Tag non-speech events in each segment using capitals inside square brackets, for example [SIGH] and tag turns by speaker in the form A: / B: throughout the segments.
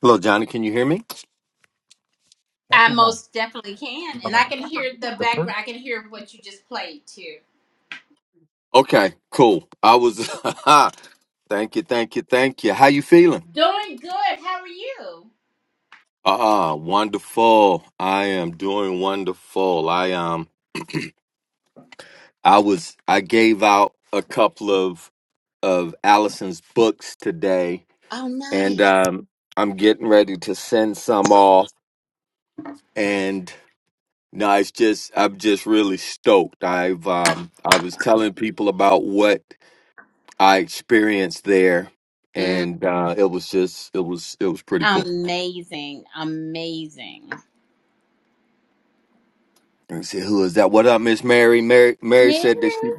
A: Hello, Johnny. Can you hear me?
B: I
A: Chapter 1.
B: most definitely can. And I
A: Right.
B: can hear the
A: The first.
B: background. I can hear what you just played too.
A: Okay, cool. I was. [LAUGHS] thank you, thank you, thank you. How you feeling?
B: Doing good. How are you?
A: Uh, uh wonderful. I am doing wonderful. I um, I was. I gave out a couple of of Allison's books today,
B: Oh,
A: and
B: please.
A: um, I'm getting ready to send some off. And no, it's just. I'm just really stoked. I've um, I was telling people about what I experienced there,
B: Mm,
A: and uh, it was just it was it was pretty cool.
B: amazing. Amazing.
A: And I said, "Who is that? What up, Miss Mary?" Mary Mary
B: Mary.
A: said that she.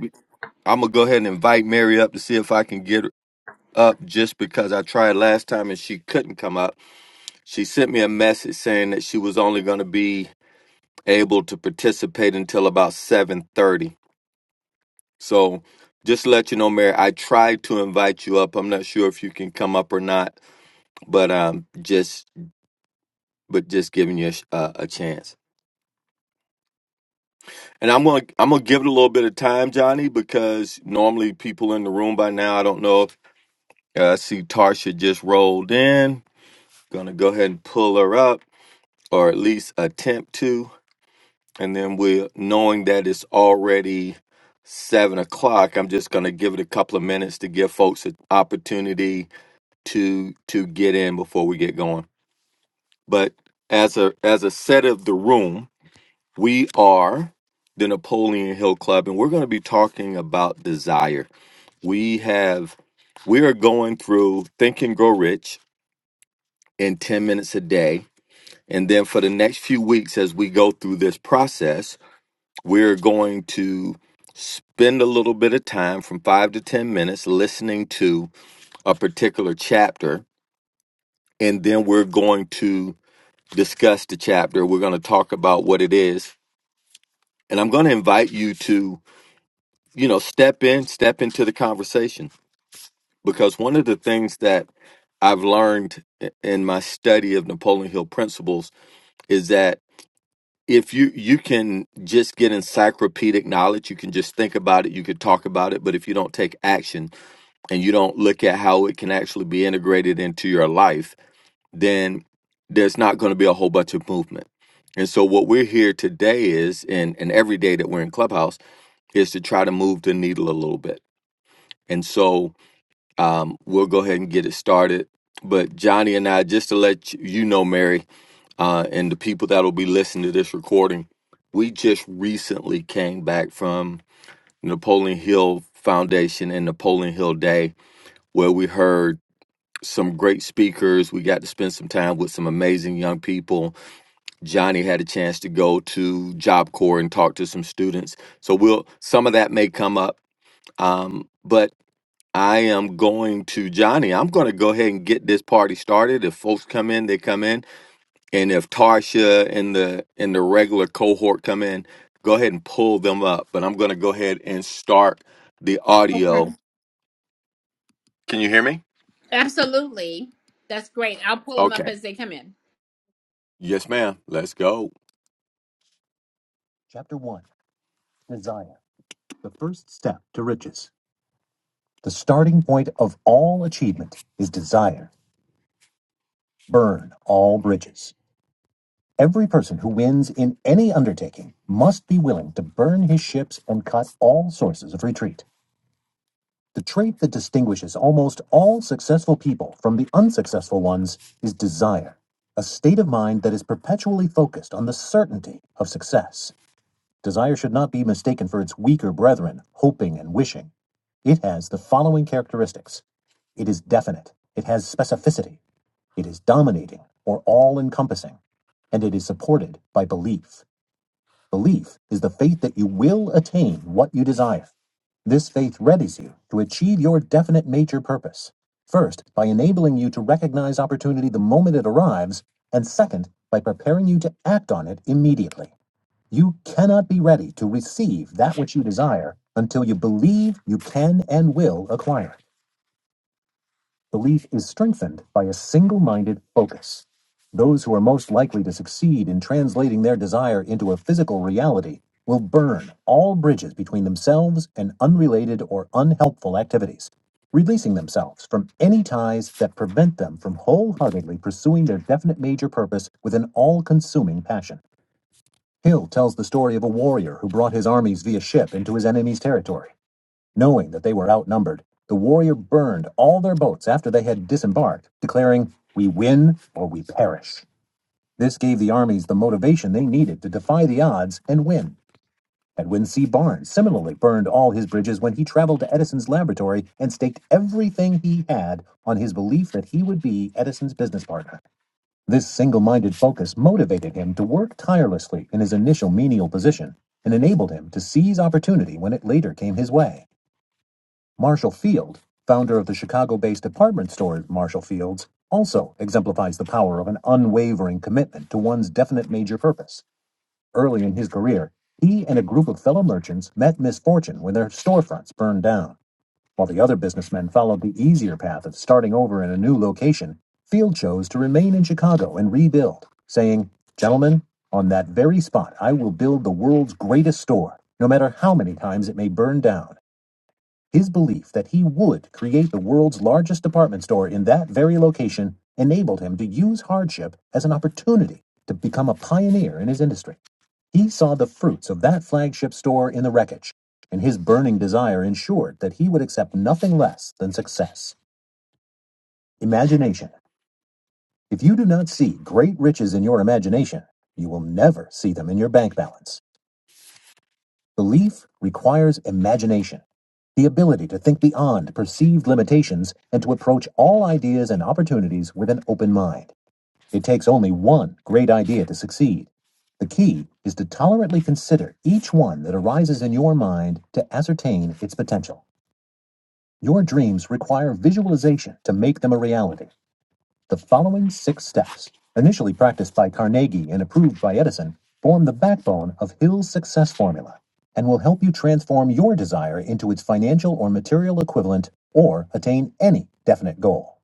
A: I'm gonna go ahead and invite Mary up to see if I can get her up, just because I tried last time and she couldn't come up. She sent me a message saying that she was only gonna be able to participate until about seven thirty. So. Just to let you know, Mary, I tried to invite you up. I'm not sure if you can come up or not, but um, just but just giving you a, sh- a a chance. And I'm gonna I'm gonna give it a little bit of time, Johnny, because normally people in the room by now. I don't know if uh, I see Tarsha just rolled in. Gonna go ahead and pull her up, or at least attempt to. And then we, knowing that it's already seven o'clock, I'm just gonna give it a couple of minutes to give folks an opportunity to to get in before we get going. But as a as a set of the room, We are the Napoleon Hill Club, and we're going to be talking about desire. We have, we are going through Think and Grow Rich in 10 minutes a day. And then for the next few weeks, as we go through this process, we're going to spend a little bit of time from five to 10 minutes listening to a particular chapter. And then we're going to discuss the chapter. We're going to talk about what it is. And I'm going to invite you to you know, step in, step into the conversation. Because one of the things that I've learned i- in my study of Napoleon Hill principles is that if you you can just get encyclopedic knowledge, you can just think about it, you could talk about it, but if you don't take action and you don't look at how it can actually be integrated into your life, then there's not going to be a whole bunch of movement. And so what we're here today is and and every day that we're in Clubhouse is to try to move the needle a little bit. And so um, we'll go ahead and get it started. But Johnny and I, just to let you you know, Mary, uh, and the people that will be listening to this recording, we just recently came back from Napoleon Hill Foundation and Napoleon Hill Day, where we heard some great speakers. We got to spend some time with some amazing young people. Johnny had a chance to go to Job Corps and talk to some students. So we'll some of that may come up. Um, but I am going to Johnny. I'm going to go ahead and get this party started. If folks come in, they come in, and if Tarsha and the and the regular cohort come in, go ahead and pull them up. But I'm going to go ahead and start the
B: Okay.
A: audio. Can you hear me?
B: Absolutely. That's great. I'll pull them up
A: Okay.
B: as they come in.
A: Yes, ma'am. Let's go. Chapter 1 Desire, the first step to riches. The starting point of all achievement is desire. Burn all bridges. Every person who wins in any undertaking must be willing to burn his ships and cut all sources of retreat. The trait that distinguishes almost all successful people from the unsuccessful ones is desire, a state of mind that is perpetually focused on the certainty of success. Desire should not be mistaken for its weaker brethren, hoping and wishing. It has the following characteristics it is definite, it has specificity, it is dominating or all encompassing, and it is supported by belief. Belief is the faith that you will attain what you desire. This faith readies you to achieve your definite major purpose. First, by enabling you to recognize opportunity the moment it arrives, and second, by preparing you to act on it immediately. You cannot be ready to receive that which you desire until you believe you can and will acquire it. Belief is strengthened by a single minded focus. Those who are most likely to succeed in translating their desire into a physical reality will burn all bridges between themselves and unrelated or unhelpful activities, releasing themselves from any ties that prevent them from wholeheartedly pursuing their definite major purpose with an all consuming passion. Hill tells the story of a warrior who brought his armies via ship into his enemy's territory. Knowing that they were outnumbered, the warrior burned all their boats after they had disembarked, declaring, We win or we perish. This gave the armies the motivation they needed to defy the odds and win. Edwin C. Barnes similarly burned all his bridges when he traveled to Edison's laboratory and staked everything he had on his belief that he would be Edison's business partner. This single minded focus motivated him to work tirelessly in his initial menial position and enabled him to seize opportunity when it later came his way. Marshall Field, founder of the Chicago-based department store Marshall Fields, also exemplifies the power of an unwavering commitment to one's definite major purpose. Early in his career, he and a group of fellow merchants met misfortune when their storefronts burned down. While the other businessmen followed the easier path of starting over in a new location, Field chose to remain in Chicago and rebuild, saying, Gentlemen, on that very spot I will build the world's greatest store, no matter how many times it may burn down. His belief that he would create the world's largest department store in that very location enabled him to use hardship as an opportunity to become a pioneer in his industry. He saw the fruits of that flagship store in the wreckage, and his burning desire ensured that he would accept nothing less than success. Imagination. If you do not see great riches in your imagination, you will never see them in your bank balance. Belief requires imagination, the ability to think beyond perceived limitations and to approach all ideas and opportunities with an open mind. It takes only one great idea to succeed. The key is to tolerantly consider each one that arises in your mind to ascertain its potential. Your dreams require visualization to make them a reality. The following six steps, initially practiced by Carnegie and approved by Edison, form the backbone of Hill's success formula and will help you transform your desire into its financial or material equivalent or attain any definite goal.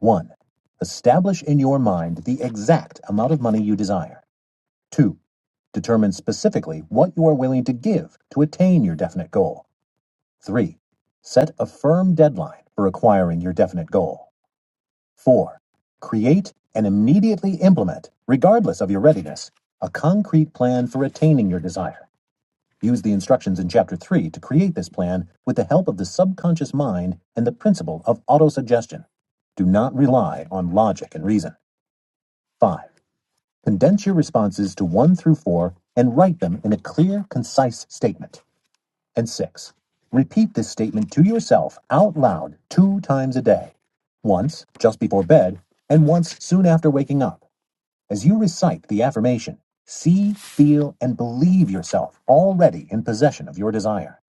A: 1. Establish in your mind the exact amount of money you desire. 2. Determine specifically what you are willing to give to attain your definite goal. 3. Set a firm deadline for acquiring your definite goal. Four, create and immediately implement, regardless of your readiness, a concrete plan for attaining your desire. Use the instructions in Chapter 3 to create this plan with the help of the subconscious mind and the principle of autosuggestion. Do not rely on logic and reason. Five, condense your responses to one through four and write them in a clear, concise statement and 6. Repeat this statement to yourself out loud two times a day once just before bed, and once soon after waking up, as you recite the affirmation. See, feel, and believe yourself already in possession of your desire.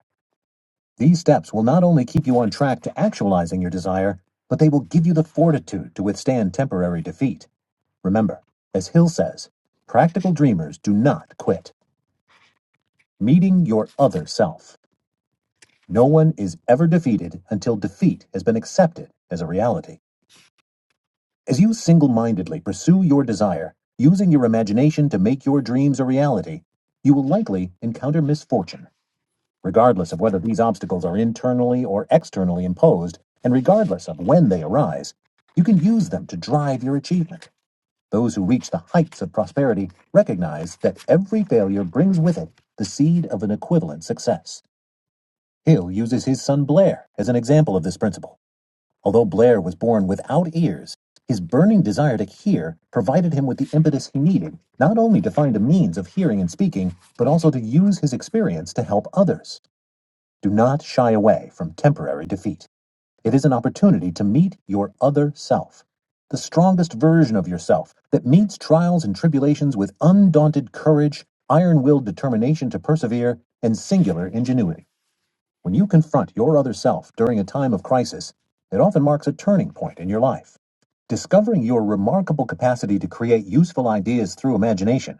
A: These steps will not only keep you on track to actualizing your desire, but they will give you the fortitude to withstand temporary defeat. Remember, as Hill says, practical dreamers do not quit. Meeting your other self. No one is ever defeated until defeat has been accepted as a reality. As you single mindedly pursue your desire, using your imagination to make your dreams a reality, you will likely encounter misfortune, regardless of whether these obstacles are internally or externally imposed, and regardless of when they arise. You can use them to drive your achievement. Those who reach the heights of prosperity recognize that every failure brings with it the seed of an equivalent success. Hill uses his son Blair as an example of this principle. Although Blair was born without ears, his burning desire to hear provided him with the impetus he needed, not only to find a means of hearing and speaking, but also to use his experience to help others. Do not shy away from temporary defeat. It is an opportunity to meet your other self, the strongest version of yourself that meets trials and tribulations with undaunted courage, iron willed determination to persevere, and singular ingenuity. When you confront your other self during a time of crisis, it often marks a turning point in your life. Discovering your remarkable capacity to create useful ideas through imagination,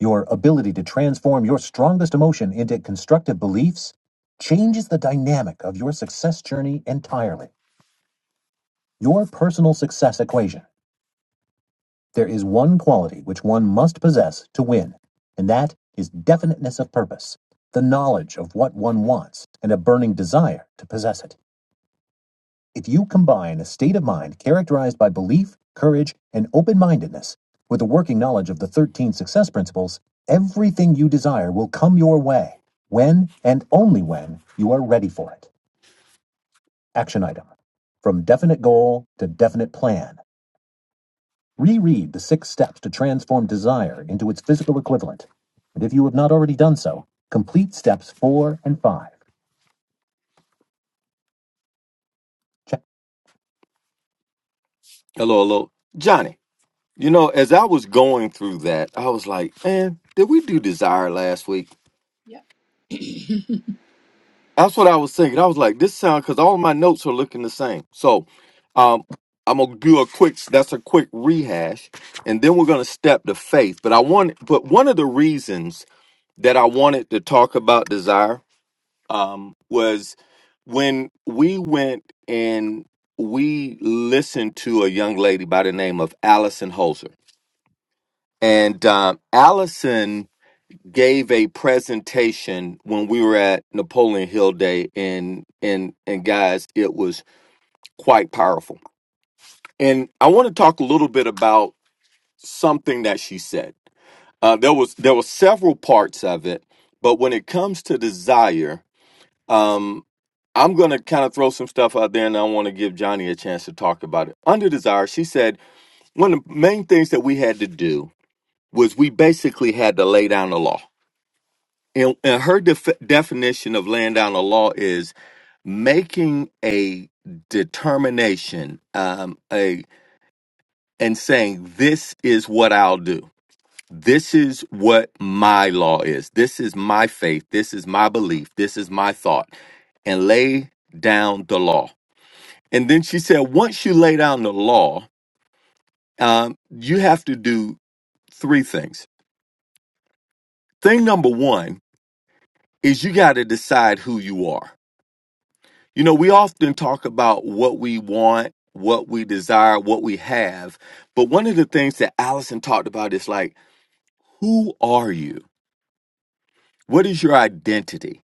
A: your ability to transform your strongest emotion into constructive beliefs, changes the dynamic of your success journey entirely. Your personal success equation. There is one quality which one must possess to win, and that is definiteness of purpose, the knowledge of what one wants, and a burning desire to possess it. If you combine a state of mind characterized by belief, courage, and open mindedness with a working knowledge of the 13 success principles, everything you desire will come your way when and only when you are ready for it. Action item From definite goal to definite plan. Reread the six steps to transform desire into its physical equivalent. And if you have not already done so, complete steps four and five. Check. Hello, hello. Johnny. You know, as I was going through that, I was like, man, did we do desire last week?
B: Yep.
A: That's what I was thinking. I was like, this sound because all my notes are looking the same. So um I'm gonna do a quick that's a quick rehash, and then we're gonna step to faith. But I want but one of the reasons that I wanted to talk about desire um was when we went and we listened to a young lady by the name of Allison Holzer. And um, Allison gave a presentation when we were at Napoleon Hill Day and and and guys it was quite powerful. And I want to talk a little bit about something that she said. Uh, there was there were several parts of it, but when it comes to desire, um, I'm going to kind of throw some stuff out there and I want to give Johnny a chance to talk about it. Under desire, she said one of the main things that we had to do was we basically had to lay down the law And, and her def- definition of laying down a law is making a determination um, a, and saying, This is what I'll do. This is what my law is. This is my faith. This is my belief. This is my thought. And lay down the law. And then she said, Once you lay down the law, um, you have to do three things. Thing number one is you got to decide who you are You know, we often talk about what we want, what we desire, what we have. But one of the things that Allison talked about is like, who are you? What is your identity?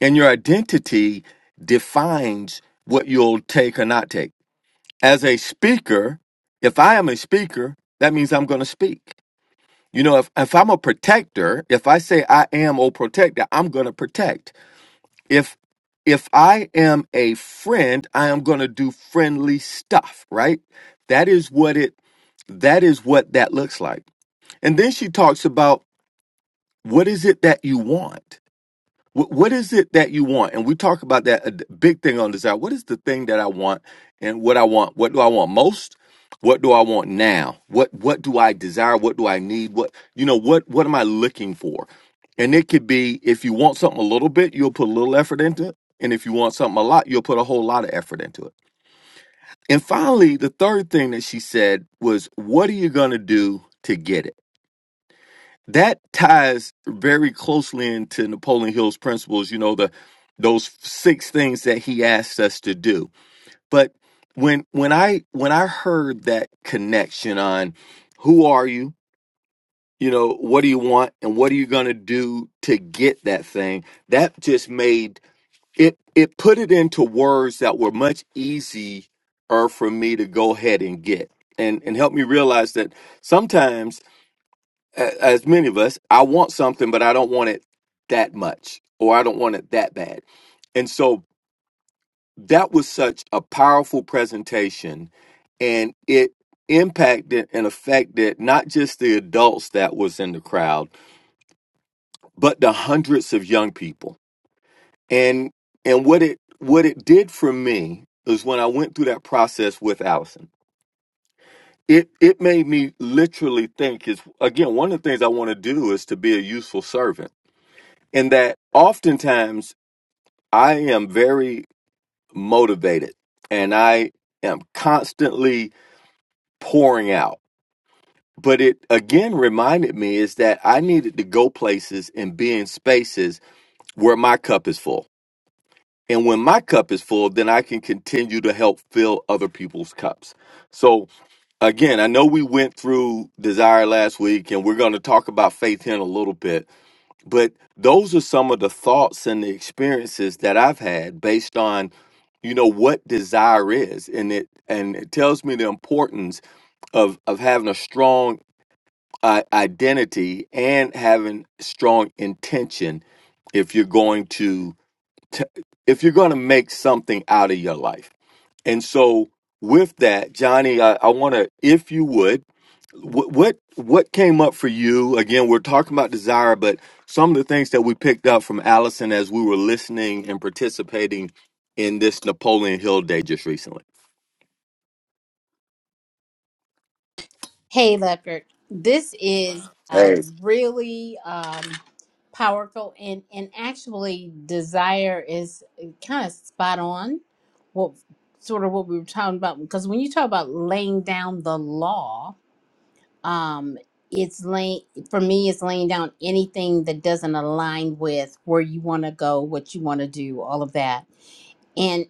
A: And your identity defines what you'll take or not take. As a speaker, if I am a speaker, that means I'm going to speak. You know, if, if I'm a protector, if I say I am a protector, I'm going to protect. if if i am a friend i am going to do friendly stuff right that is what it that is what that looks like and then she talks about what is it that you want Wh- what is it that you want? And we talk about that a d- big thing on desire. What is the thing that I want and what I want? What do I want most? What do I want now? What what do I desire? What do I need? What you know, what what am I looking for? And it could be if you want something a little bit, you'll put a little effort into it. And if you want something a lot, you'll put a whole lot of effort into it. And finally, the third thing that she said was, What are you gonna do to get it? that ties very closely into Napoleon Hill's principles, you know, the those six things that he asks us to do. But when when I when I heard that connection on who are you, you know, what do you want and what are you going to do to get that thing? That just made it it put it into words that were much easier for me to go ahead and get. And and help me realize that sometimes a- as many of us, I want something, but I don't want it that much, or I don't want it that bad. And so that was such a powerful presentation, and it impacted and affected not just the adults that was in the crowd, but the hundreds of young people. And and what it what it did for me is when I went through that process with Allison. It it made me literally think is again one of the things I want to do is to be a useful servant In that oftentimes I am very motivated and I am constantly pouring out. But it again reminded me is that I needed to go places and be in spaces where my cup is full. And when my cup is full, then I can continue to help fill other people's cups. So again, I know we went through desire last week and we're going to talk about faith here in a little bit But those are some of the thoughts and the experiences that I've had based on, you know, what desire is, and it and it tells me the importance of of having a strong uh, identity and having strong intention if you're going to t- if you're going to make something out of your life. And so with that, Johnny, I, I want to, if you would what what what came up for you again we're talking about desire but some of the things that we picked up from allison as we were listening and participating in this napoleon hill day just recently
B: Hey, Leopard. This is uh,
A: Hey,
B: really um, powerful, and and actually, desire is kind of spot on. What sort of what we were talking about? Because when you talk about laying down the law, um, it's laying for me. It's laying down anything that doesn't align with where you want to go, what you want to do, all of that. And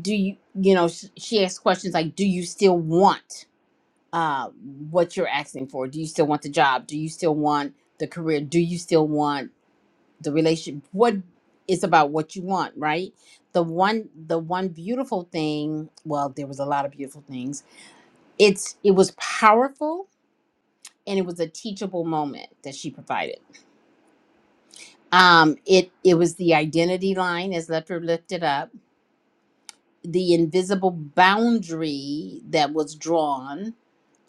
B: do you, you know, sh- she asked questions like, "Do you still want?" uh, what you're asking for. Do you still want the job? Do you still want the career? Do you still want the relationship? What it's about what you want, right? The one the one beautiful thing, well, there was a lot of beautiful things. It's it was powerful and it was a teachable moment that she provided. Um it it was the identity line as Lefter lifted up, the invisible boundary that was drawn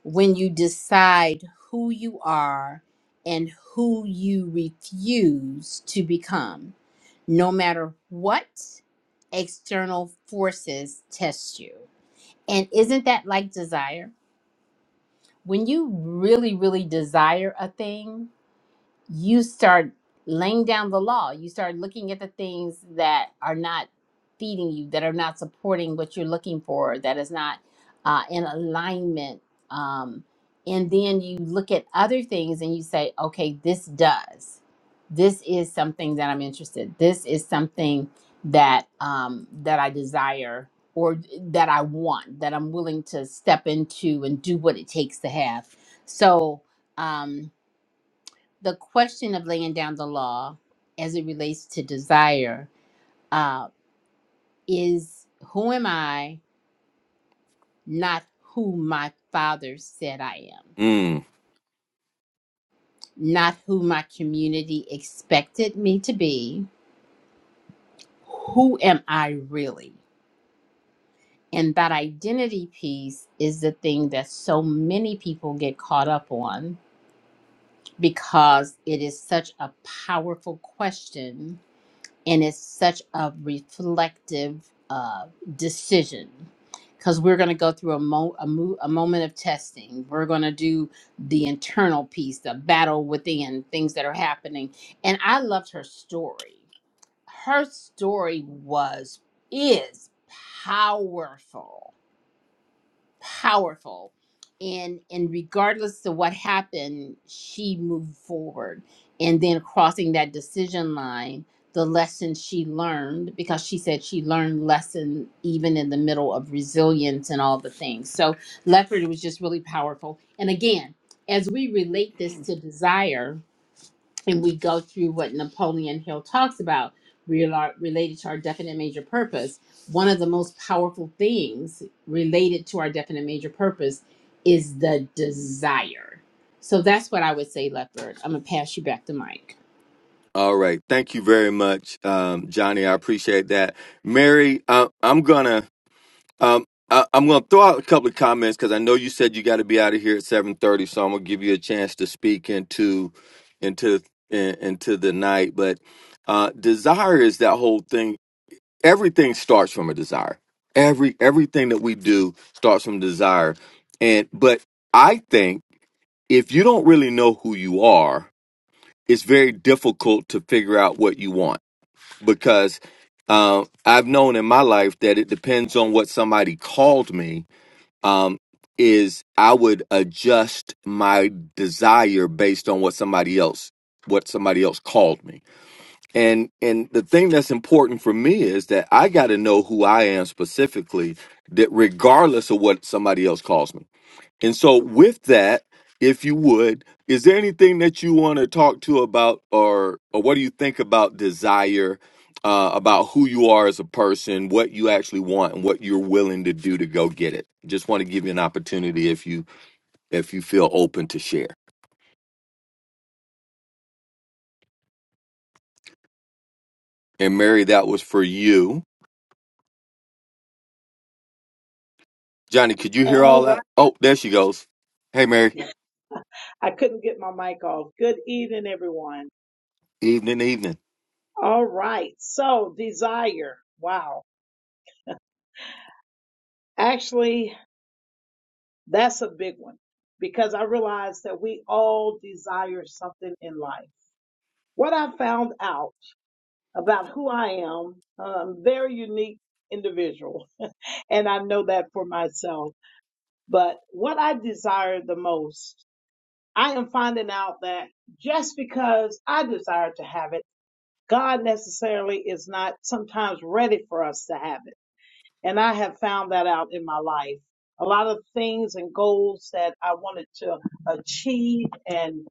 B: when you decide who you are and who you refuse to become, no matter what external forces test you. And isn't that like desire? When you really, really desire a thing, you start laying down the law. You start looking at the things that are not feeding you, that are not supporting what you're looking for, that is not uh, in alignment. Um, and then you look at other things and you say, okay, this does. This is something that I'm interested. This is something that um, that I desire or that I want, that I'm willing to step into and do what it takes to have. So um, the question of laying down the law as it relates to desire uh, is who am I, not who my father said I am,
A: mm,
B: not who my community expected me to be. Who am I really? And that identity piece is the thing that so many people get caught up on because it is such a powerful question and it's such a reflective uh, decision because we're going to go through a, mo- a, mo- a moment of testing we're going to do the internal piece the battle within things that are happening and i loved her story her story was is powerful powerful and and regardless of what happened she moved forward and then crossing that decision line the lesson she learned because she said she learned lesson even in the middle of resilience and all the things so leopard was just really powerful and again as we relate this to desire and we go through what Napoleon Hill talks about reala- related to our definite major purpose, one of the most powerful things related to our definite major purpose is the desire. So that's what I would say, Leopard. I'm gonna pass you back the mic.
A: all right thank you very much um, johnny i appreciate that mary uh, i'm gonna um, I, i'm gonna throw out a couple of comments because i know you said you got to be out of here at 7.30 so i'm gonna give you a chance to speak into into in- into the night but uh, desire is that whole thing everything starts from a desire. Every everything that we do starts from desire. And but I think if you don't really know who you are, it's very difficult to figure out what you want because um, I've known in my life that it depends on what somebody called me. Um, is I would adjust my desire based on what somebody else what somebody else called me and and the thing that's important for me is that I got to know who I am specifically, that regardless of what somebody else calls me. And so with that, if you would, is there anything that you want to talk to about or or what do you think about desire, uh, about who you are as a person, what you actually want and what you're willing to do to go get it? Just want to give you an opportunity if you if you feel open to share. And Mary, that was for you. Johnny, could you hear all
C: All
A: that? Oh, there she goes. Hey, Mary.
C: right. I couldn't get my mic off. Good evening, everyone.
A: Evening, evening.
C: All right. So, desire. Wow. Actually, that's a big one because I realized that we all desire something in life. What I found out about who I am, um, very unique individual, and I know that for myself. But what I desire the most, I am finding out that just because I desire to have it. God necessarily is not sometimes ready for us to have it. And I have found that out in my life. A lot of things and goals that I wanted to achieve and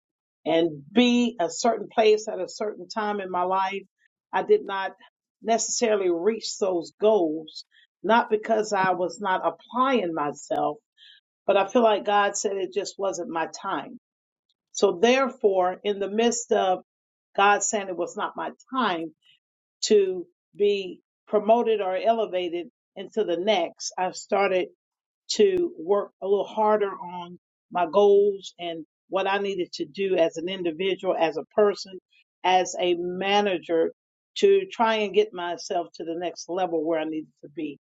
C: and be a certain place at a certain time in my life, I did not necessarily reach those goals, not because I was not applying myself, but I feel like God said it just wasn't my time. So therefore, in the midst of God saying it was not my time, to be promoted or elevated into the next. I've started to work a little harder on my goals and what I needed to do as an individual, as a person, as a manager to try and get myself to the next level where I needed to be.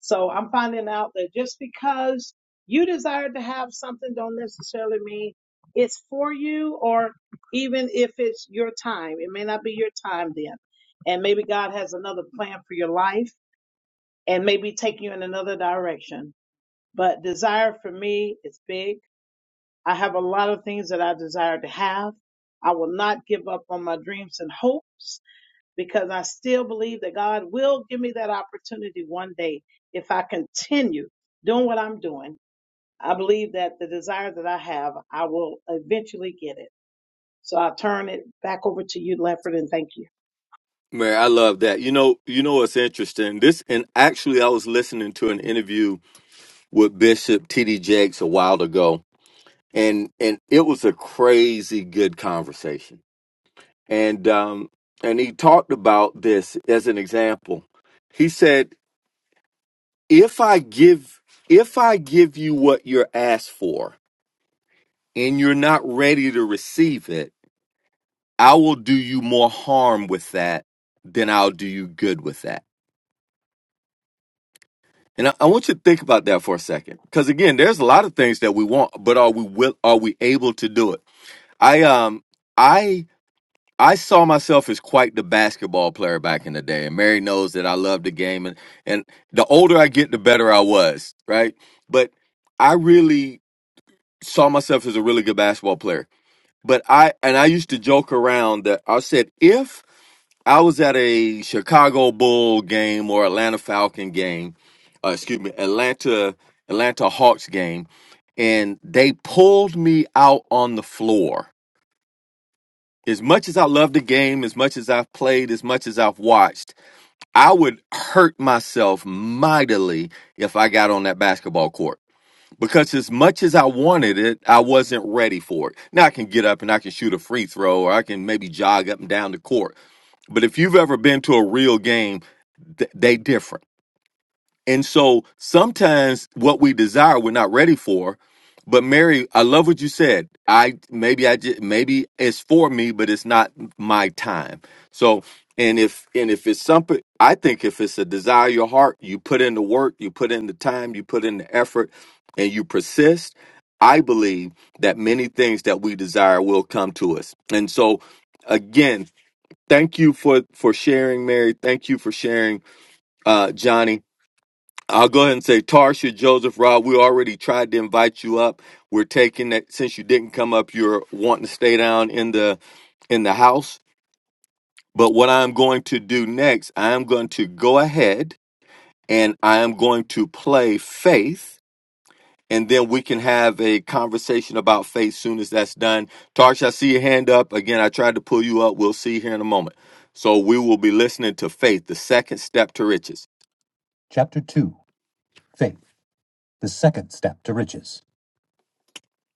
C: So I'm finding out that just because you desire to have something don't necessarily mean it's for you or even if it's your time. It may not be your time then. And maybe God has another plan for your life and maybe take you in another direction but desire for me is big. I have a lot of things that I desire to have. I will not give up on my dreams and hopes because I still believe that God will give me that opportunity one day if I continue doing what I'm doing. I believe that the desire that I have, I will eventually get it. So I turn it back over to you, Lefford, and thank you.
A: Mary, I love that. You know, you know what's interesting? This, and actually, I was listening to an interview with Bishop T.D. Jakes a while ago, and and it was a crazy good conversation. And um, and he talked about this as an example. He said, "If I give, if I give you what you're asked for, and you're not ready to receive it." I will do you more harm with that than I'll do you good with that. And I, I want you to think about that for a second, because again, there's a lot of things that we want, but are we will are we able to do it? I um I I saw myself as quite the basketball player back in the day, and Mary knows that I loved the game, and and the older I get, the better I was, right? But I really saw myself as a really good basketball player But I and I used to joke around that I said if I was at a Chicago Bull game or Atlanta Falcon game, uh, excuse me, Atlanta Atlanta Hawks game, and they pulled me out on the floor. As much as I love the game, as much as I've played, as much as I've watched, I would hurt myself mightily if I got on that basketball court because as much as I wanted it, I wasn't ready for it. Now I can get up and I can shoot a free throw or I can maybe jog up and down the court. But if you've ever been to a real game, th- they different. And so sometimes what we desire we're not ready for. But Mary, I love what you said. I maybe I just maybe it's for me, but it's not my time. So and if and if it's something I think if it's a desire of your heart, you put in the work, you put in the time, you put in the effort, and you persist, I believe that many things that we desire will come to us. And so again, thank you for for sharing, Mary. Thank you for sharing, uh, Johnny I'll go ahead and say, Tarsha, Joseph, Rob, we already tried to invite you up. We're taking that since you didn't come up, you're wanting to stay down in the in the house. But what I'm going to do next, I am going to go ahead and I am going to play faith, and then we can have a conversation about faith soon as that's done. Tarsha, I see your hand up. Again, I tried to pull you up. We'll see you here in a moment. So we will be listening to faith, the second step to riches. Chapter 2 Faith, the second step to riches.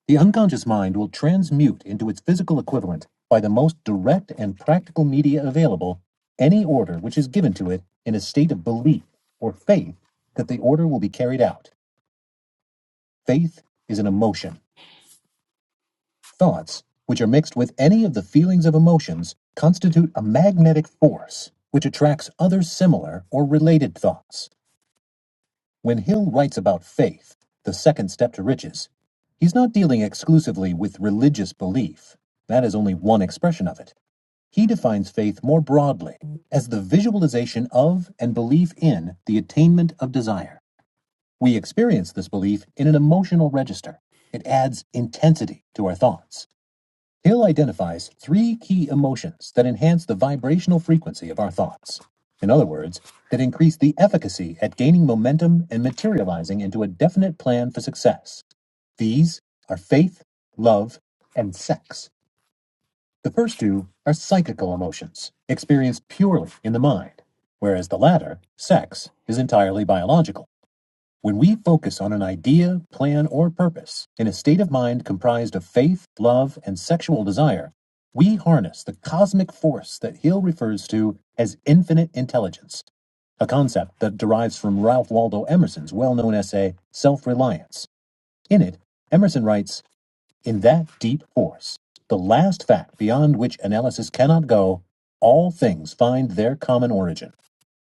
A: The unconscious mind will transmute into its physical equivalent, by the most direct and practical media available, any order which is given to it in a state of belief or faith that the order will be carried out. Faith is an emotion. Thoughts, which are mixed with any of the feelings of emotions, constitute a magnetic force which attracts other similar or related thoughts. When Hill writes about faith, the second step to riches, he's not dealing exclusively with religious belief. That is only one expression of it. He defines faith more broadly as the visualization of and belief in the attainment of desire. We experience this belief in an emotional register. It adds intensity to our thoughts. Hill identifies three key emotions that enhance the vibrational frequency of our thoughts. In other words, that increase the efficacy at gaining momentum and materializing into a definite plan for success. These are faith, love, and sex. The first two are psychical emotions, experienced purely in the mind, whereas the latter, sex, is entirely biological. When we focus on an idea, plan, or purpose in a state of mind comprised of faith, love, and sexual desire, we harness the cosmic force that Hill refers to as infinite intelligence, a concept that derives from Ralph Waldo Emerson's well known essay, Self Reliance. In it, Emerson writes In that deep force, the last fact beyond which analysis cannot go, all things find their common origin.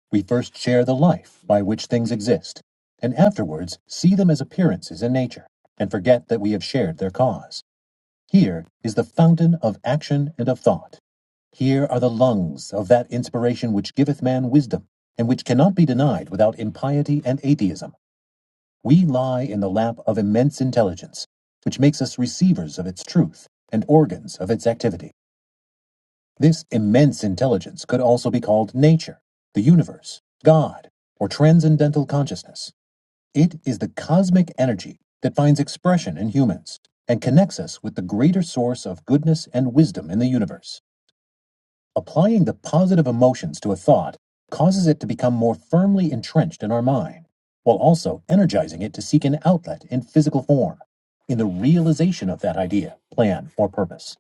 A: We first share the life by which things exist, and afterwards see them as appearances in nature, and forget that we have shared their cause. Here is the fountain of action and of thought. Here are the lungs of that inspiration which giveth man wisdom, and which cannot be denied without impiety and atheism. We lie in the lap of immense intelligence, which makes us receivers of its truth and organs of its activity. This immense intelligence could also be called nature, the universe, God, or transcendental consciousness. It is the cosmic energy that finds expression in humans and connects us with the greater source of goodness and wisdom in the universe. Applying the positive emotions to a thought causes it to become more firmly entrenched in our mind, while also energizing it to seek an outlet in physical form, in the realization of that idea, plan, or purpose.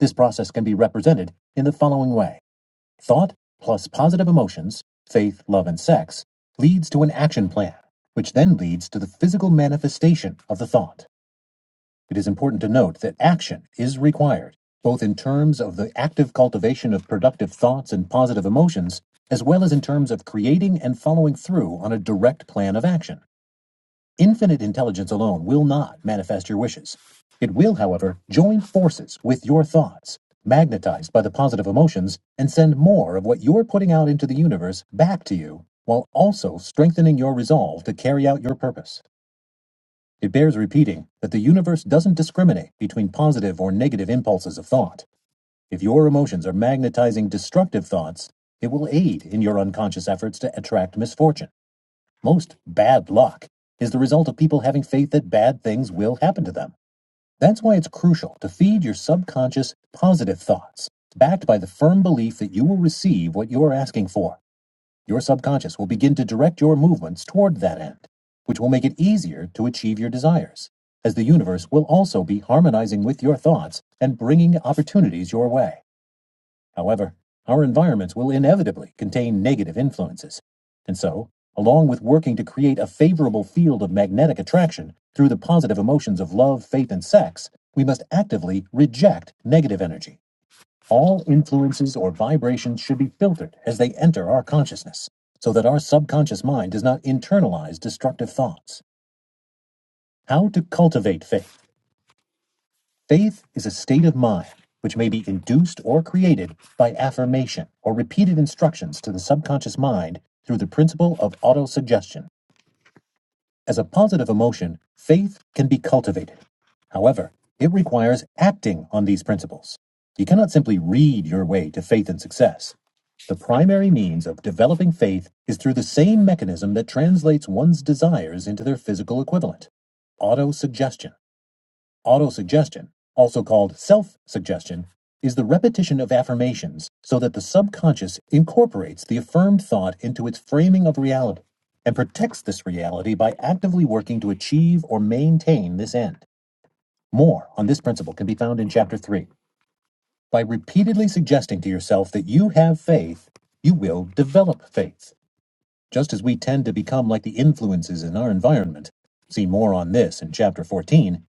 A: This process can be represented in the following way. Thought plus positive emotions, faith, love, and sex leads to an action plan, which then leads to the physical manifestation of the thought. It is important to note that action is required, both in terms of the active cultivation of productive thoughts and positive emotions, as well as in terms of creating and following through on a direct plan of action. Infinite intelligence alone will not manifest your wishes. It will, however, join forces with your thoughts, magnetized by the positive emotions, and send more of what you're putting out into the universe back to you, while also strengthening your resolve to carry out your purpose. It bears repeating that the universe doesn't discriminate between positive or negative impulses of thought. If your emotions are magnetizing destructive thoughts, it will aid in your unconscious efforts to attract misfortune. Most bad luck is the result of people having faith that bad things will happen to them. That's why it's crucial to feed your subconscious positive thoughts, backed by the firm belief that you will receive what you are asking for. Your subconscious will begin to direct your movements toward that end, which will make it easier to achieve your desires, as the universe will also be harmonizing with your thoughts and bringing opportunities your way. However, our environments will inevitably contain negative influences, and so, along with working to create a favorable field of magnetic attraction through the positive emotions of love, faith, and sex, we must actively reject negative energy. All influences or vibrations should be filtered as they enter our consciousness, so that our subconscious mind does not internalize destructive thoughts. How to cultivate faith. Faith is a state of mind which may be induced or created by affirmation or repeated instructions to the subconscious mind through the principle of autosuggestion. As a positive emotion, faith can be cultivated. However, it requires acting on these principles. You cannot simply read your way to faith and success. The primary means of developing faith is through the same mechanism that translates one's desires into their physical equivalent autosuggestion. Autosuggestion, also called self-suggestion, is the repetition of affirmations so that the subconscious incorporates the affirmed thought into its framing of reality and protects this reality by actively working to achieve or maintain this end. More on this principle can be found in Chapter 3. By repeatedly suggesting to yourself that you have faith, you will develop faith, just as we tend to become like the influences in our environment. See more on this in Chapter 14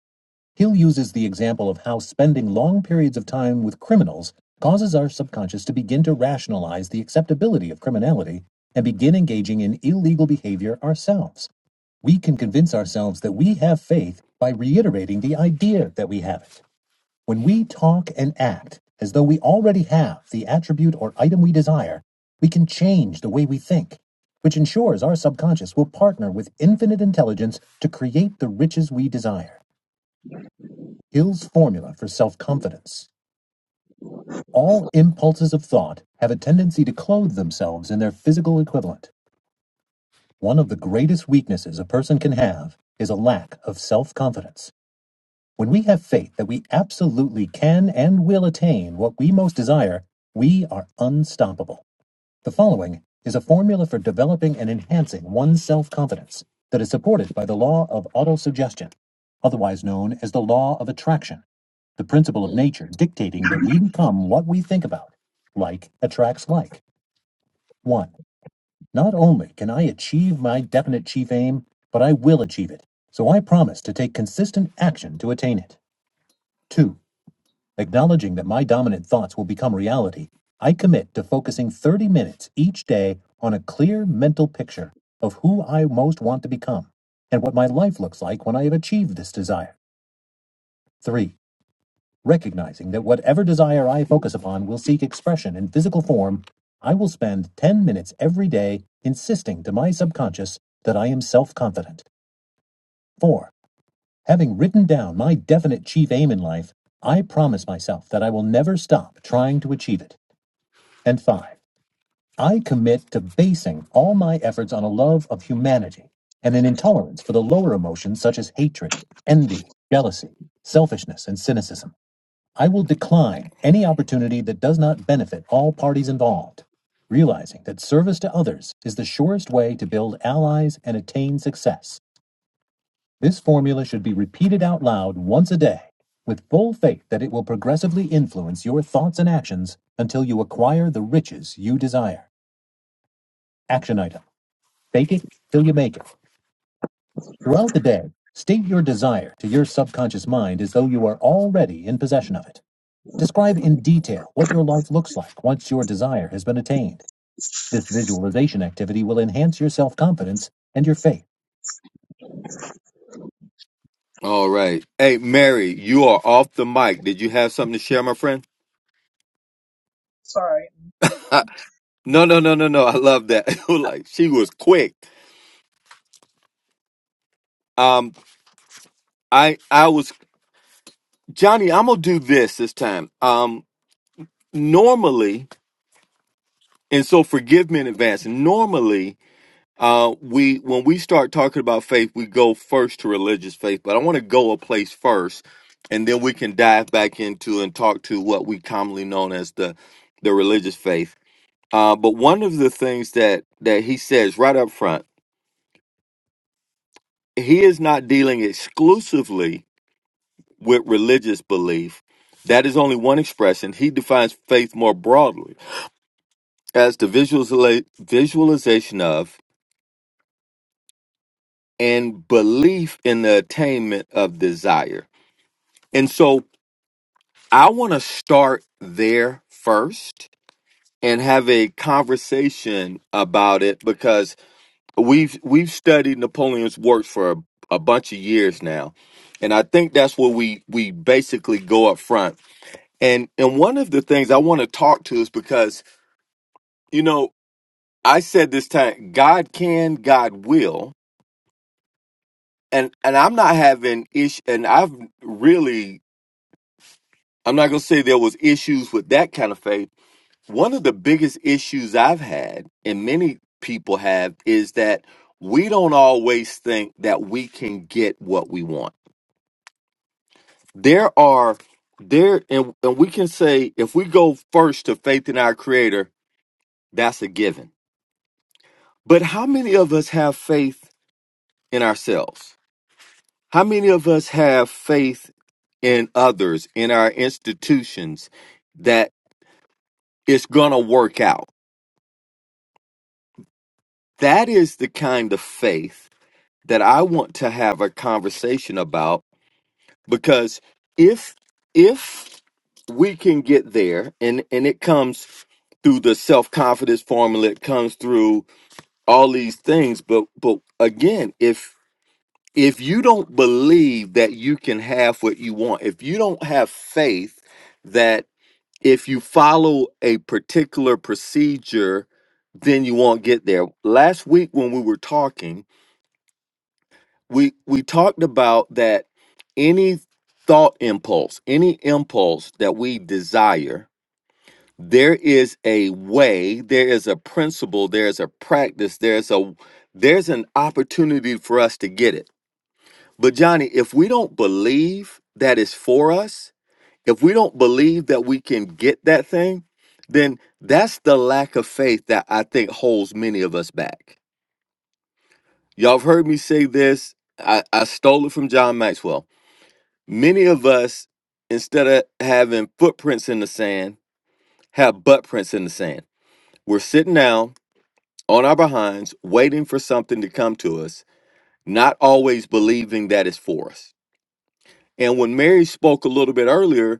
A: Hill uses the example of how spending long periods of time with criminals causes our subconscious to begin to rationalize the acceptability of criminality and begin engaging in illegal behavior ourselves. We can convince ourselves that we have faith by reiterating the idea that we have it. When we talk and act as though we already have the attribute or item we desire, we can change the way we think, which ensures our subconscious will partner with infinite intelligence to create the riches we desire. Hill's formula for self-confidence. All impulses of thought have a tendency to clothe themselves in their physical equivalent. One of the greatest weaknesses a person can have is a lack of self-confidence. When we have faith that we absolutely can and will attain what we most desire, we are unstoppable. The following is a formula for developing and enhancing one's self confidence that is supported by the law of autosuggestion, otherwise known as the law of attraction, the principle of nature dictating that we become what we think about. Like attracts like. 1. Not only can I achieve my definite chief aim, but I will achieve it, so I promise to take consistent action to attain it. 2. Acknowledging that my dominant thoughts will become reality, I commit to focusing 30 minutes each day on a clear mental picture of who I most want to become and what my life looks like when I have achieved this desire. 3. Recognizing that whatever desire I focus upon will seek expression in physical form, I will spend 10 minutes every day insisting to my subconscious that I am self confident. 4. Having written down my definite chief aim in life, I promise myself that I will never stop trying to achieve it. And five, I commit to basing all my efforts on a love of humanity and an intolerance for the lower emotions such as hatred, envy, jealousy, selfishness, and cynicism. I will decline any opportunity that does not benefit all parties involved, realizing that service to others is the surest way to build allies and attain success. This formula should be repeated out loud once a day, with full faith that it will progressively influence your thoughts and actions until you acquire the riches you desire. Action item. Fake it till you make it. Throughout the day, state your desire to your subconscious mind as though you are already in possession of it. Describe in detail what your life looks like once your desire has been attained. This visualization activity will enhance your self confidence and your faith. All right. Hey, Mary, you are off the mic. Did you have something to share, my friend? [LAUGHS]
C: Sorry.
A: Ah, no, no, no, no, no. I love that. [LAUGHS] like she was quick. Um, I, I was Johnny. I'm gonna do this this time. Um, normally. And so forgive me in advance. Normally, uh, we when we start talking about faith, we go first to religious faith, but I want to go a place first, and then we can dive back into and talk to what we commonly known as the the religious faith. Uh, but one of the things that that he says right up front, he is not dealing exclusively with religious belief. That is only one expression. He defines faith more broadly as the visualiza- visualization of and belief in the attainment of desire. And so I want to start there first and have a conversation about it because we've we've studied Napoleon's works for a, a bunch of years now. And I think that's where we we basically go up front. And and one of the things I want to talk to is because you know, I said this time God can, God will. And and I'm not having ish and I've really I'm not going to say there was issues with that kind of faith. One of the biggest issues I've had and many people have is that we don't always think that we can get what we want. There are there and, and we can say if we go first to faith in our creator, that's a given. But how many of us have faith in ourselves? How many of us have faith in others, in our institutions that it's going to work out? That is the kind of faith that I want to have a conversation about because if if we can get there and and it comes through the self-confidence formula it comes through all these things but but again if if you don't believe that you can have what you want if you don't have faith that if you follow a particular procedure then you won't get there last week when we were talking we we talked about that any thought impulse any impulse that we desire there is a way there is a principle there's a practice there's a there's an opportunity for us to get it but johnny if we don't believe that is for us if we don't believe that we can get that thing then that's the lack of faith that i think holds many of us back y'all have heard me say this i, I stole it from john maxwell Many of us, instead of having footprints in the sand, have butt prints in the sand. We're sitting down on our behinds, waiting for something to come to us, not always believing that it's for us. And when Mary spoke a little bit earlier,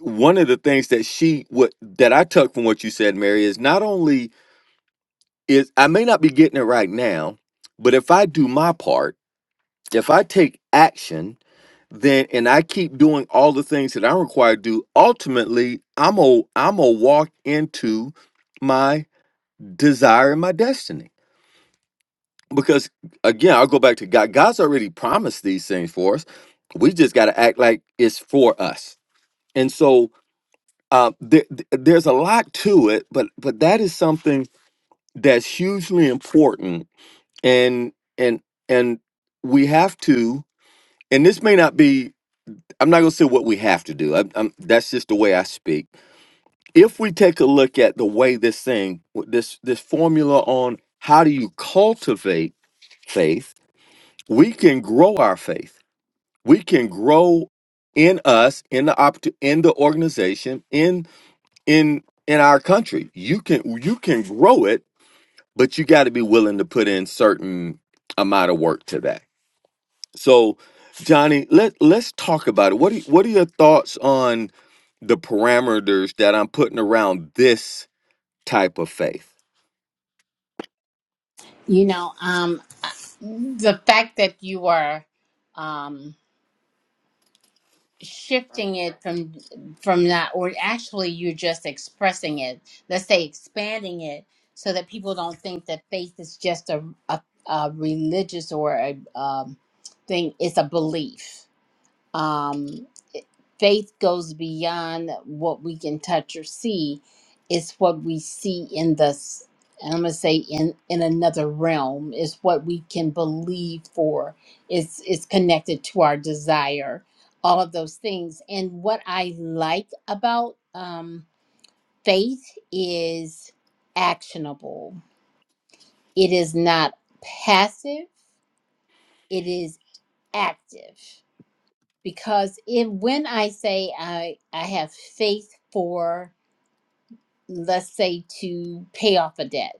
A: one of the things that she what that I took from what you said, Mary, is not only is I may not be getting it right now, but if I do my part, if I take action then and I keep doing all the things that I'm required to do, ultimately I'm a I'm a walk into my desire and my destiny. Because again, I'll go back to God. God's already promised these things for us. We just got to act like it's for us. And so uh, there, there's a lot to it, but but that is something that's hugely important. And and and we have to. And this may not be. I'm not gonna say what we have to do. I, I'm, that's just the way I speak if we take a look at the way this thing this this formula on how do you cultivate faith we can grow our faith we can grow in us in the opt- in the organization in in in our country you can you can grow it but you got to be willing to put in certain amount of work to that so johnny let let's talk about it what do, what are your thoughts on the parameters that i'm putting around this type of faith
B: You know, um, the fact that you are. um, shifting it from from that or actually you're just expressing it let's say expanding it so that people don't think that faith is just a, a, a religious or a um, thing it's a belief um, faith goes beyond what we can touch or see it's what we see in this and i'm going to say in in another realm is what we can believe for it's it's connected to our desire all of those things and what i like about um, faith is actionable it is not passive it is active because if when I say I I have faith for let's say to pay off a debt,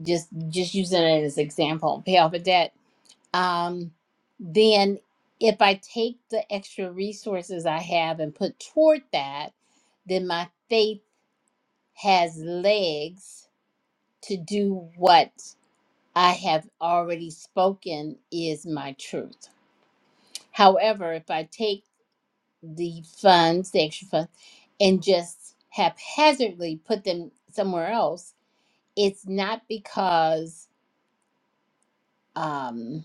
B: just just using it as example, pay off a debt, um, then if I take the extra resources I have and put toward that, then my faith has legs to do what I have already spoken is my truth. However, if I take the funds, the extra funds, and just haphazardly put them somewhere else, it's not because um,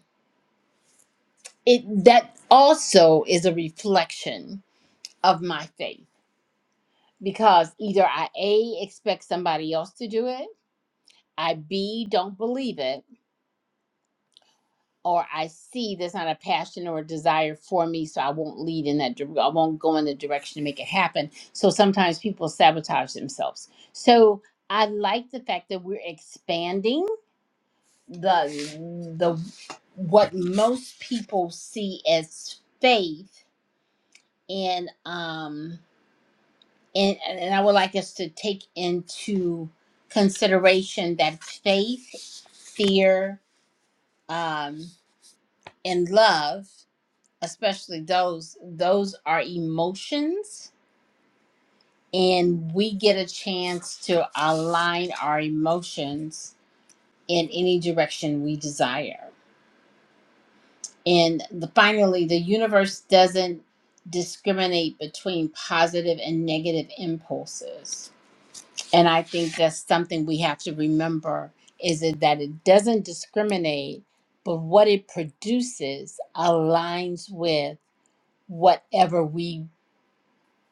B: it that also is a reflection of my faith. Because either I A expect somebody else to do it, I B don't believe it, or I see there's not a passion or a desire for me, so I won't lead in that. dir- I won't go in the direction to make it happen. So sometimes people sabotage themselves. So I like the fact that we're expanding the the what most people see as faith, and um and and I would like us to take into consideration that faith, fear, um, and love especially those those are emotions and we get a chance to align our emotions in any direction we desire and the, finally the universe doesn't discriminate between positive and negative impulses and i think that's something we have to remember is it that it doesn't discriminate but what it produces aligns with whatever we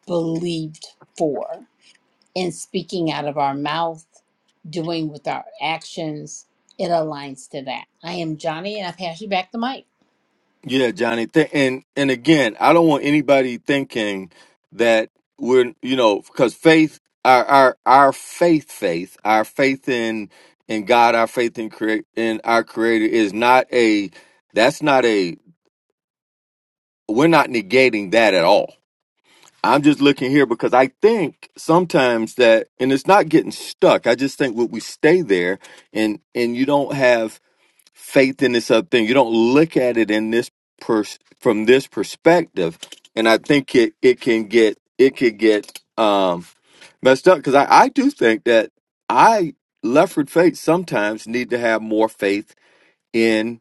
B: believed for in speaking out of our mouth, doing with our actions. It aligns to that. I am Johnny, and I pass you back the mic.
A: Yeah, Johnny. Th- and and again, I don't want anybody thinking that we're you know because faith, our our our faith, faith, our faith in in God, our faith in create in our Creator is not a. That's not a. We're not negating that at all. I'm just looking here because I think sometimes that, and it's not getting stuck. I just think what we stay there, and and you don't have faith in this other thing. You don't look at it in this pers- from this perspective, and I think it it can get it could get um, messed up because I, I do think that I Lefford faith sometimes need to have more faith in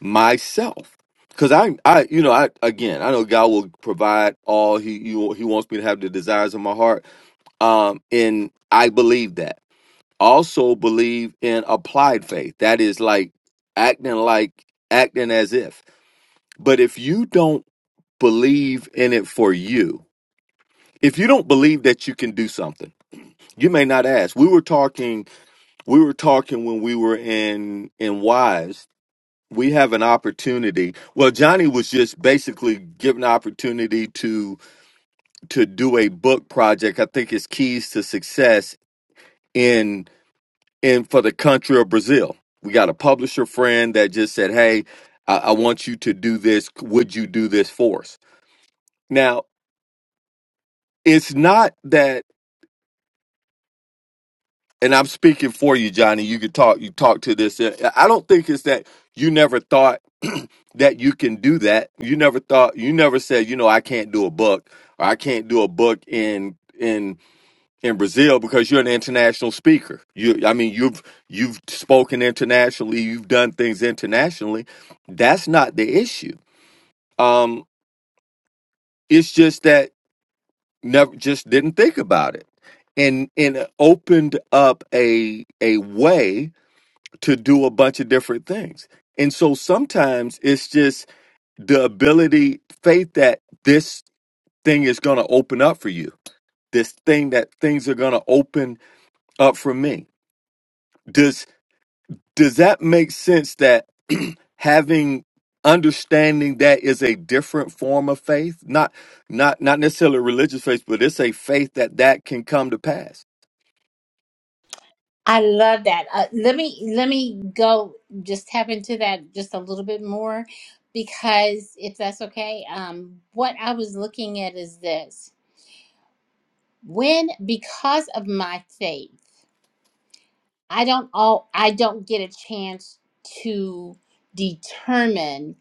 A: myself because I I you know I again I know God will provide all he you, he wants me to have the desires of my heart um, and I believe that also believe in applied faith that is like acting like acting as if but if you don't believe in it for you if you don't believe that you can do something you may not ask we were talking we were talking when we were in in wise we have an opportunity well johnny was just basically given an opportunity to to do a book project i think it's keys to success in. and for the country of Brazil. We got a publisher friend that just said, Hey, I, I want you to do this. Would you do this for us? Now, it's not that, and I'm speaking for you, Johnny. You could talk, you talk to this. uh, I don't think it's that you never thought [CLEARS THROAT] that you can do that. You never thought, you never said, you know, I can't do a book or I can't do a book in in. in Brazil because you're an international speaker. You, I mean, you've you've spoken internationally, you've done things internationally. That's not the issue. Um, it's just that never just didn't think about it, and and it opened up a a way to do a bunch of different things. And so sometimes it's just the ability, faith that this thing is going to open up for you. This thing that things are going to open up for me. Does does that make sense that having understanding that is a different form of faith not not not necessarily religious faith but it's a faith that that can come to pass
B: I love that. Uh, let me let me go just tap into that just a little bit more, because if that's okay, um, what I was looking at is this: when because of my faith. I don't all I don't get a chance to determine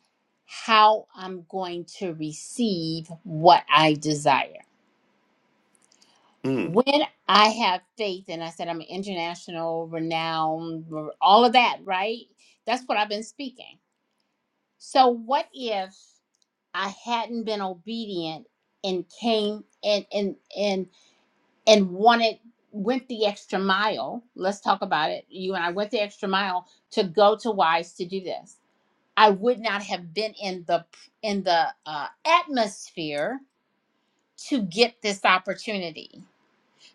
B: how I'm going to receive what I desire.
A: mm.
B: When I have faith, and I said I'm an international renowned, all of that, right? That's what I've been speaking. So what if I hadn't been obedient and came and and and and wanted went the extra mile. Let's talk about it. You and I went the extra mile to go to Wise to do this. I would not have been in the in the uh, atmosphere to get this opportunity.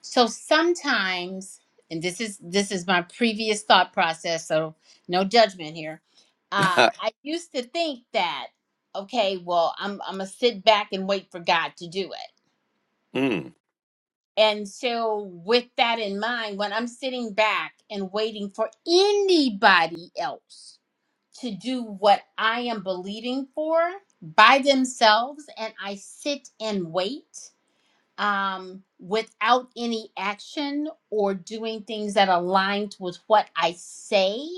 B: So sometimes, and this is this is my previous thought process. So no judgment here. Uh,
A: [LAUGHS]
B: I used to think that okay, well, I'm I'm gonna sit back and wait for God to do it
A: mm.
B: And so, with that in mind, when I'm sitting back and waiting for anybody else to do what I am believing for by themselves, and I sit and wait um, without any action or doing things that aligned with what I say,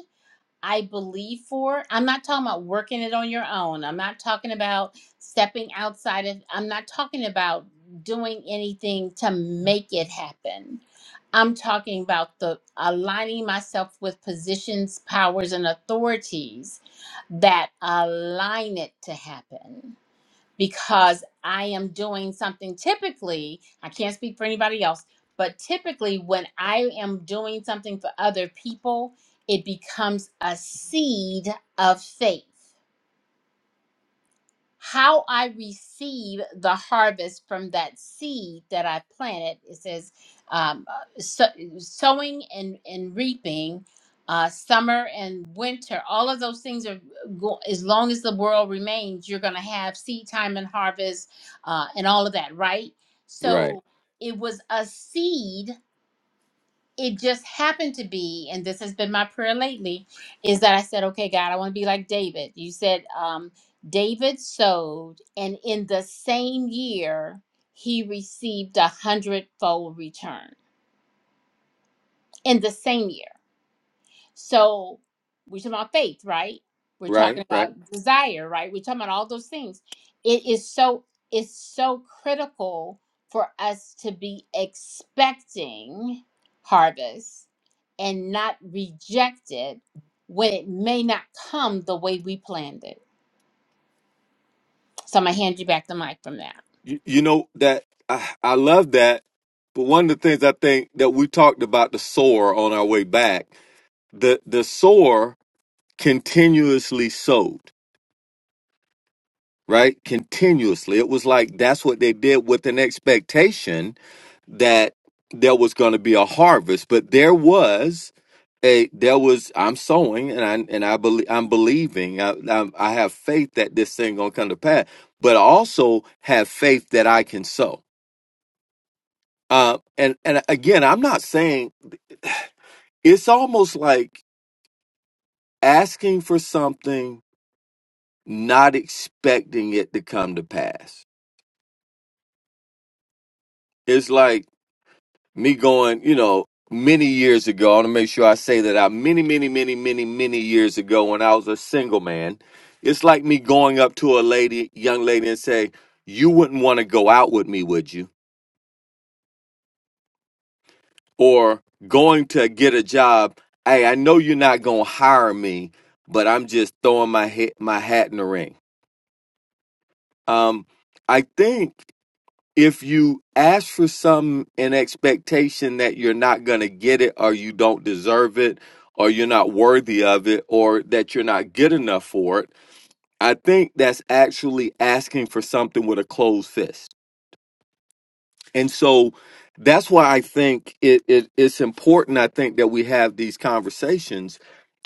B: I believe for. I'm not talking about working it on your own. I'm not talking about stepping outside of, I'm not talking about doing anything to make it happen. I'm talking about the aligning myself with positions, powers, and authorities that align it to happen because I am doing something typically, I can't speak for anybody else, but typically when I am doing something for other people, it becomes a seed of faith how I receive the harvest from that seed that I planted. It says, um, uh, so, sowing and, and reaping, uh, summer and winter, all of those things are, go- as long as the world remains, you're going to have seed time and harvest uh, and all of that, right?
A: right
B: So it was a seed it just happened to be, and this has been my prayer lately, is that I said, okay, God, I want to be like David. You said, um, David sowed, and in the same year, he received a hundredfold return in the same year. So we're talking about faith, right? We're
A: right
B: talking
A: right
B: about desire, right? We're talking about all those things. It is so it's so critical for us to be expecting harvest and not reject it when it may not come the way we planned it. So I'm going to hand you back the mic from that.
A: you, you know that I, I love that but one of the things i think that we talked about the sower on our way back the the sower continuously sowed right continuously it was like that's what they did with an expectation that there was going to be a harvest, but there was a there was I'm sowing and I and I believe I'm believing I, I I have faith that this thing gonna come to pass, but I also have faith that I can sow. Uh, and and again, I'm not saying it's almost like asking for something, not expecting it to come to pass. It's like me going, you know, many years ago. I want to make sure I say that I many, many, many, many, many years ago when I was a single man. It's like me going up to a lady, young lady, and say, "You wouldn't want to go out with me, would you?" Or going to get a job. Hey, I know you're not gonna hire me, but I'm just throwing my hat, my hat in the ring. Um, I think. if you ask for some in expectation that you're not going to get it or you don't deserve it or you're not worthy of it or that you're not good enough for it i think that's actually asking for something with a closed fist and so that's why i think it, it it's important i think that we have these conversations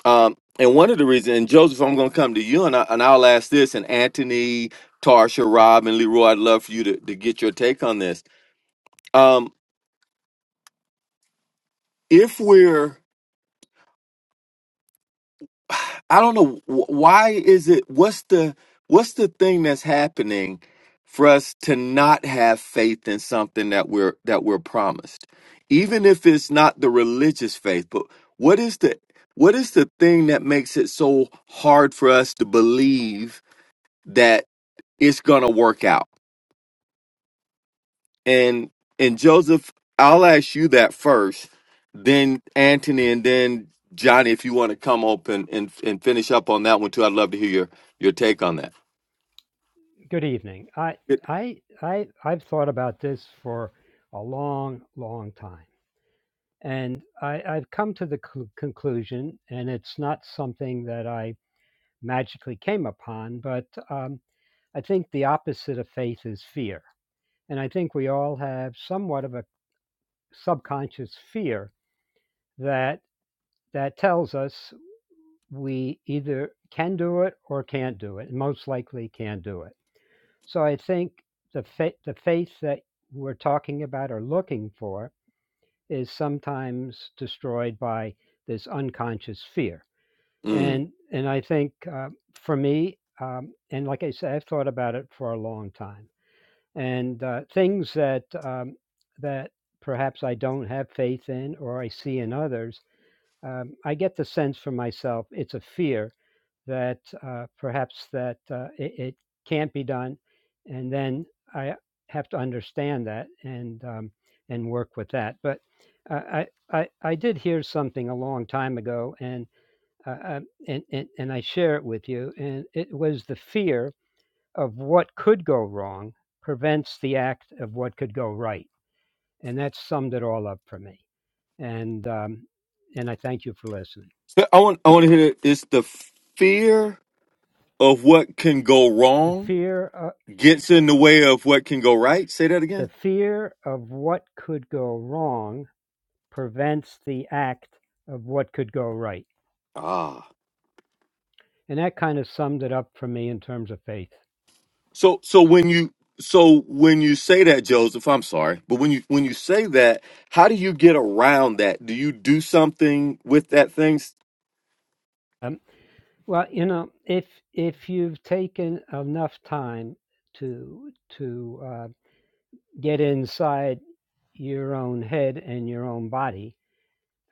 A: um and one of the reasons and joseph i'm going to come to you and, I, and i'll ask this and anthony tarsha rob and leroy i'd love for you to, to get your take on this Um, if we're i don't know wh- why is it what's the what's the thing that's happening for us to not have faith in something that we're that we're promised even if it's not the religious faith but what is the what is the thing that makes it so hard for us to believe that it's going to work out And and Joseph, I'll ask you that first, then Anthony, and then Johnny, if you want to come up and, and, and finish up on that one too. I'd love to hear your, your take on that.
D: Good evening. I
A: It-
D: I I I've thought about this for a long, long time, and I, I've come to the cl- conclusion, and it's not something that I magically came upon, but um, I think the opposite of faith is fear, and I think we all have somewhat of a subconscious fear that that tells us we either can do it or can't do it, and most likely can't do it So I think the faith, the faith that we're talking about or looking for is sometimes destroyed by this unconscious fear.
A: Mm.
D: And and I think uh, for me, um, and like I said, I've thought about it for a long time. And uh, things that um, that perhaps I don't have faith in or I see in others, um, I get the sense for myself it's a fear that uh, perhaps that uh, it, it can't be done, and then I have to understand that and um, and work with that. But uh, I, I I did hear something a long time ago, and uh, uh, and, and and I share it with you, and it was the fear of what could go wrong prevents the act of what could go right, and that summed it all up for me. And um, and I thank you for listening.
A: So I want I want to hear it. It's the fear of what can go
D: The
A: wrong
D: fear
A: gets in the way of what can go right. Say that
D: The
A: again.
D: fear of what could go wrong prevents the act of what could go right.
A: Ah.
D: And that kind of summed it up for me in terms of faith.
A: So so when you so when you say that, Joseph, I'm sorry, but when you when you say that, how do you get around that? Do you do something with that thing?
D: Um, well, you know, if if you've taken enough time to to uh, get inside your own head and your own body,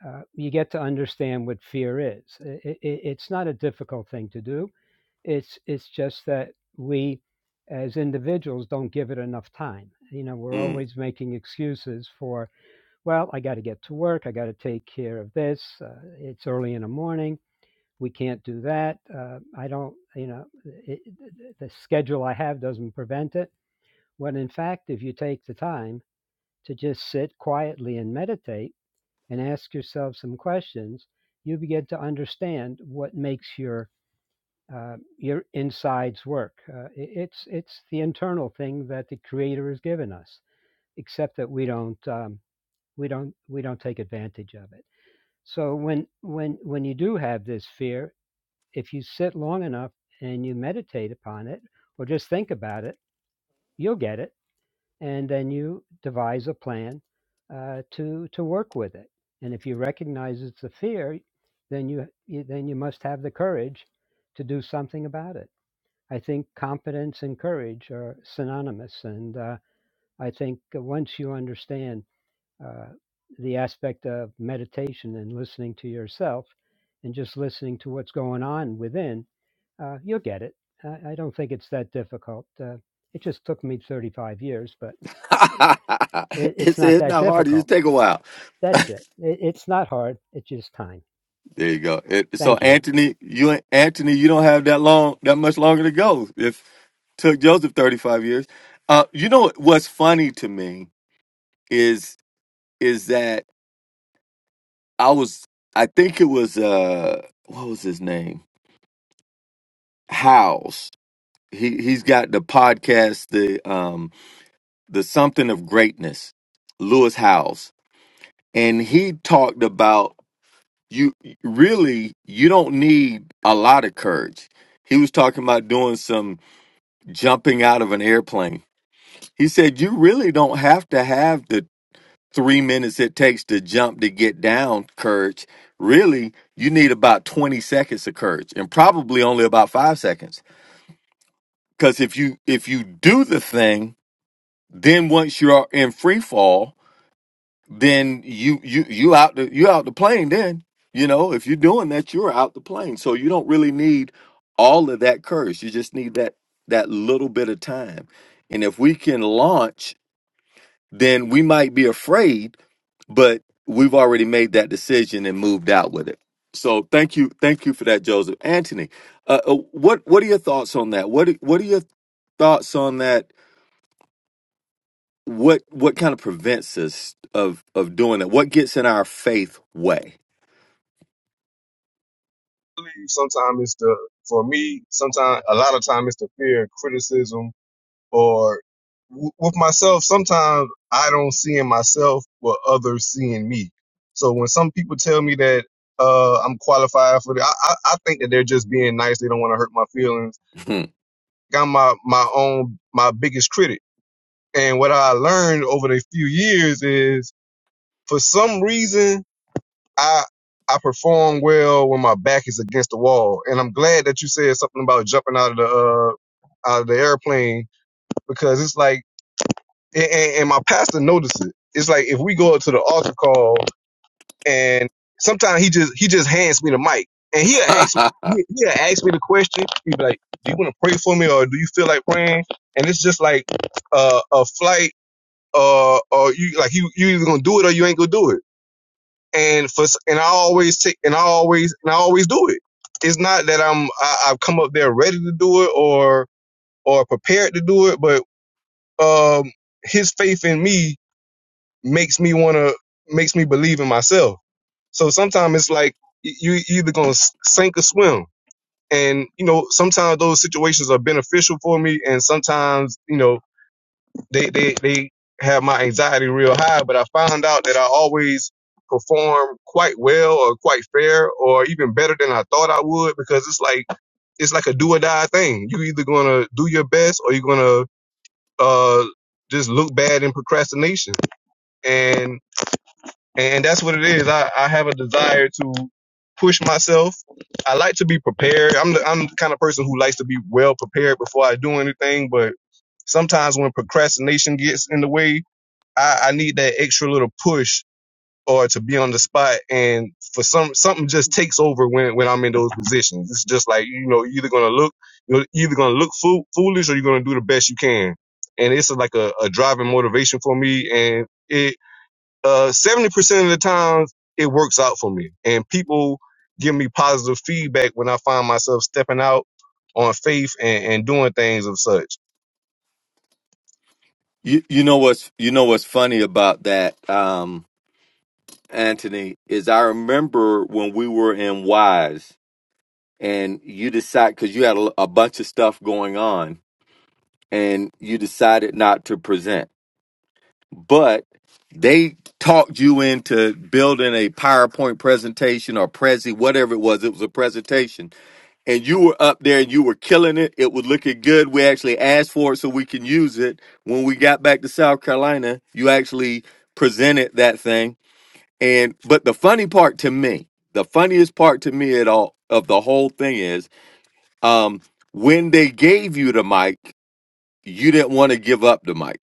D: uh, you get to understand what fear is. I- I- it's not a difficult thing to do. It's it's just that we, as individuals, don't give it enough time. You know, we're
A: Mm.
D: always making excuses for, well, I got to get to work. I got to take care of this. Uh, it's early in the morning. We can't do that. Uh, I don't. You know, it- the schedule I have doesn't prevent it. When in fact, if you take the time to just sit quietly and meditate and ask yourself some questions, you begin to understand what makes your uh, your insides work. Uh, it's it's the internal thing that the Creator has given us, except that we don't um, we don't we don't take advantage of it. So when when when you do have this fear, if you sit long enough and you meditate upon it or just think about it, you'll get it and then you devise a plan uh, to to work with it. And if you recognize it's a fear, then you you- then you must have the courage to do something about it. I think competence and courage are synonymous, and uh, I think once you understand uh, the aspect of meditation and listening to yourself, and just listening to what's going on within, uh, you'll get it. I, I don't think it's that difficult. Uh, it just took me 35 years, but eh, it,
A: [LAUGHS]
D: it's
A: it's
D: not
A: it's
D: that
A: not hard. It
D: difficult.
A: just take a while.
D: That's it. it. It's not hard. It's just time.
A: There you go. It, so
D: Thank you.
A: Anthony, you ain't- Anthony, you don't have that long that much longer to go. If took Joseph 35 years. Uh, you know what's funny to me is is that I was I think it was uh what was his name? House. he he's got the podcast the um the something of greatness lewis howes and he talked about you really you don't need a lot of courage he was talking about doing some jumping out of an airplane he said you really don't have to have the three minutes it takes to jump to get down courage really you need about 20 seconds of courage and probably only about five seconds because if you if you do the thing Then once you're in free fall, then you you you out the you out the plane. Then you know if you're doing that, you're out the plane. So you don't really need all of that courage. You just need that that little bit of time. And if we can launch, then we might be afraid, but we've already made that decision and moved out with it. So thank you, thank you for that, Joseph Anthony. Uh, uh, what what are your thoughts on that? What what are your thoughts on that? what what kind of prevents us of of doing that? What gets in our faith way?
E: believe sometimes it's the for me sometimes a lot of time it's the fear of criticism or w- with myself sometimes i don't see in myself what others see in me so when some people tell me that uh, i'm qualified for the I, I, I think that they're just being nice they don't want to hurt my feelings
A: Hmm.
E: i'm my, my own my biggest critic and what i learned over the few years is for some reason I I perform well when my back is against the wall, and I'm glad that you said something about jumping out of the uh, out of the airplane because it's like, and, and my pastor noticed it. It's like if we go up to the altar call, and sometimes he just he just hands me the mic, and he'll ask
A: [LAUGHS]
E: me he'll ask me the question. He'd be like, "Do you want to pray for me, or do you feel like praying?" And it's just like uh, a flight, uh, or you like you you either gonna do it or you ain't gonna do it and for and I always take and I always and I always do it. It's not that I'm I, I've come up there ready to do it or or prepared to do it, but um, his faith in me makes me wanna makes me believe in myself. So sometimes it's like you you either gonna sink or swim, and you know sometimes those situations are beneficial for me, and sometimes you know they they they have my anxiety real high, but I found out that I always perform quite well or quite fair or even better than I thought I would because it's like it's like a do or die thing. You either gonna do your best or you're gonna uh just look bad in procrastination. And and that's what it is. I, I have a desire to push myself. I like to be prepared. I'm the I'm the kind of person who likes to be well prepared before I do anything, but sometimes when procrastination gets in the way, I, I need that extra little push or to be on the spot and for some something just takes over when when I'm in those positions. It's just like you know, you're either gonna look you're either gonna look fool, foolish or you're gonna do the best you can. And it's like a, a driving motivation for me and it uh seventy percent of the times it works out for me. And people give me positive feedback when I find myself stepping out on faith and, and doing things of such.
A: you you know what's you know what's funny about that? Um, Anthony, is I remember when we were in Wise and you decide because you had a, a bunch of stuff going on and you decided not to present, but they talked you into building a PowerPoint presentation or Prezi, whatever it was. It was a presentation and you were up there and you were killing it. It was looking good. We actually asked for it so we can use it. When we got back to South Carolina, you actually presented that thing and but the funny part to me, the funniest part to me at all of the whole thing is um when they gave you the mic, you didn't want to give up the mic.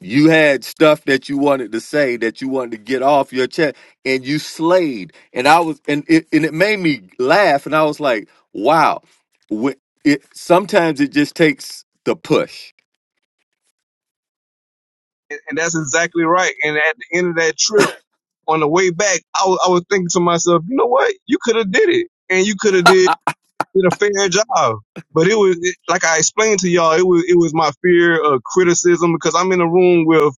A: You had stuff that you wanted to say that you wanted to get off your chest and you slayed. And I was and it and it made me laugh and I was like, wow. Wh- It sometimes it just takes the push.
E: And, and that's exactly right. And at the end of that trip on the way back, I was, I was thinking to myself, you know what? You could have did it, and you could have did, did a fair job. But it was it- like I explained to y'all, it was it was my fear of criticism because I'm in a room with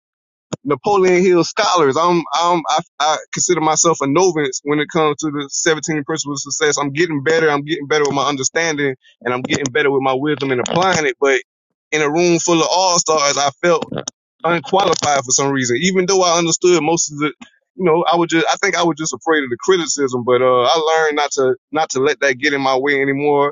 E: Napoleon Hill scholars. I'm, I'm, I, I consider myself a novice when it comes to the 17 principles of success. I'm getting better. I'm getting better with my understanding and I'm getting better with my wisdom and applying it. But in a room full of all stars, I felt unqualified for some reason, even though I understood most of the, you know, I was just, I think I was just afraid of the criticism, but, uh, I learned not to, not to let that get in my way anymore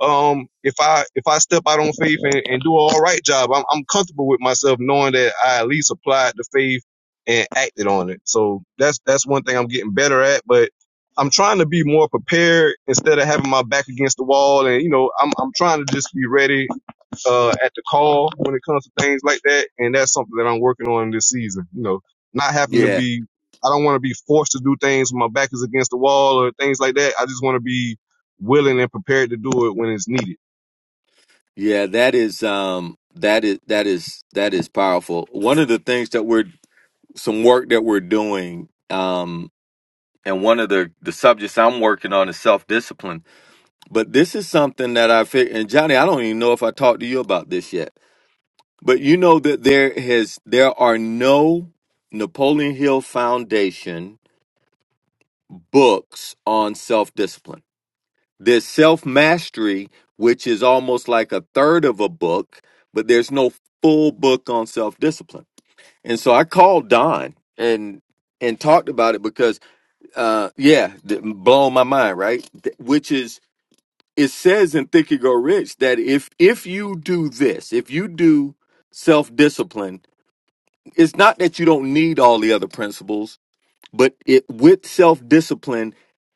E: um, if I if I step out on faith and, and do an all right job, I'm I'm comfortable with myself knowing that I at least applied the faith and acted on it. So that's that's one thing I'm getting better at. But I'm trying to be more prepared instead of having my back against the wall, and you know I'm I'm trying to just be ready uh, at the call when it comes to things like that. And that's something that I'm working on this season. You know, not having to
A: Yeah.
E: be, I don't want to be forced to do things when my back is against the wall or things like that. I just want to be willing and prepared to do it when it's needed.
A: Yeah, that is um that is that is that is powerful. One of the things that we're some work that we're doing um and one of the the subjects i'm working on is self-discipline but this is something that i figured and johnny i don't even know if i talked to you about this yet but you know that there has there are no napoleon hill foundation books on self-discipline there's self-mastery which is almost like a third of a book but there's no full book on self-discipline and so i called don and and talked about it because uh yeah th- blown my mind right Th- which is it says in think and go rich that if if you do this if you do self-discipline it's not that you don't need all the other principles but it with self-discipline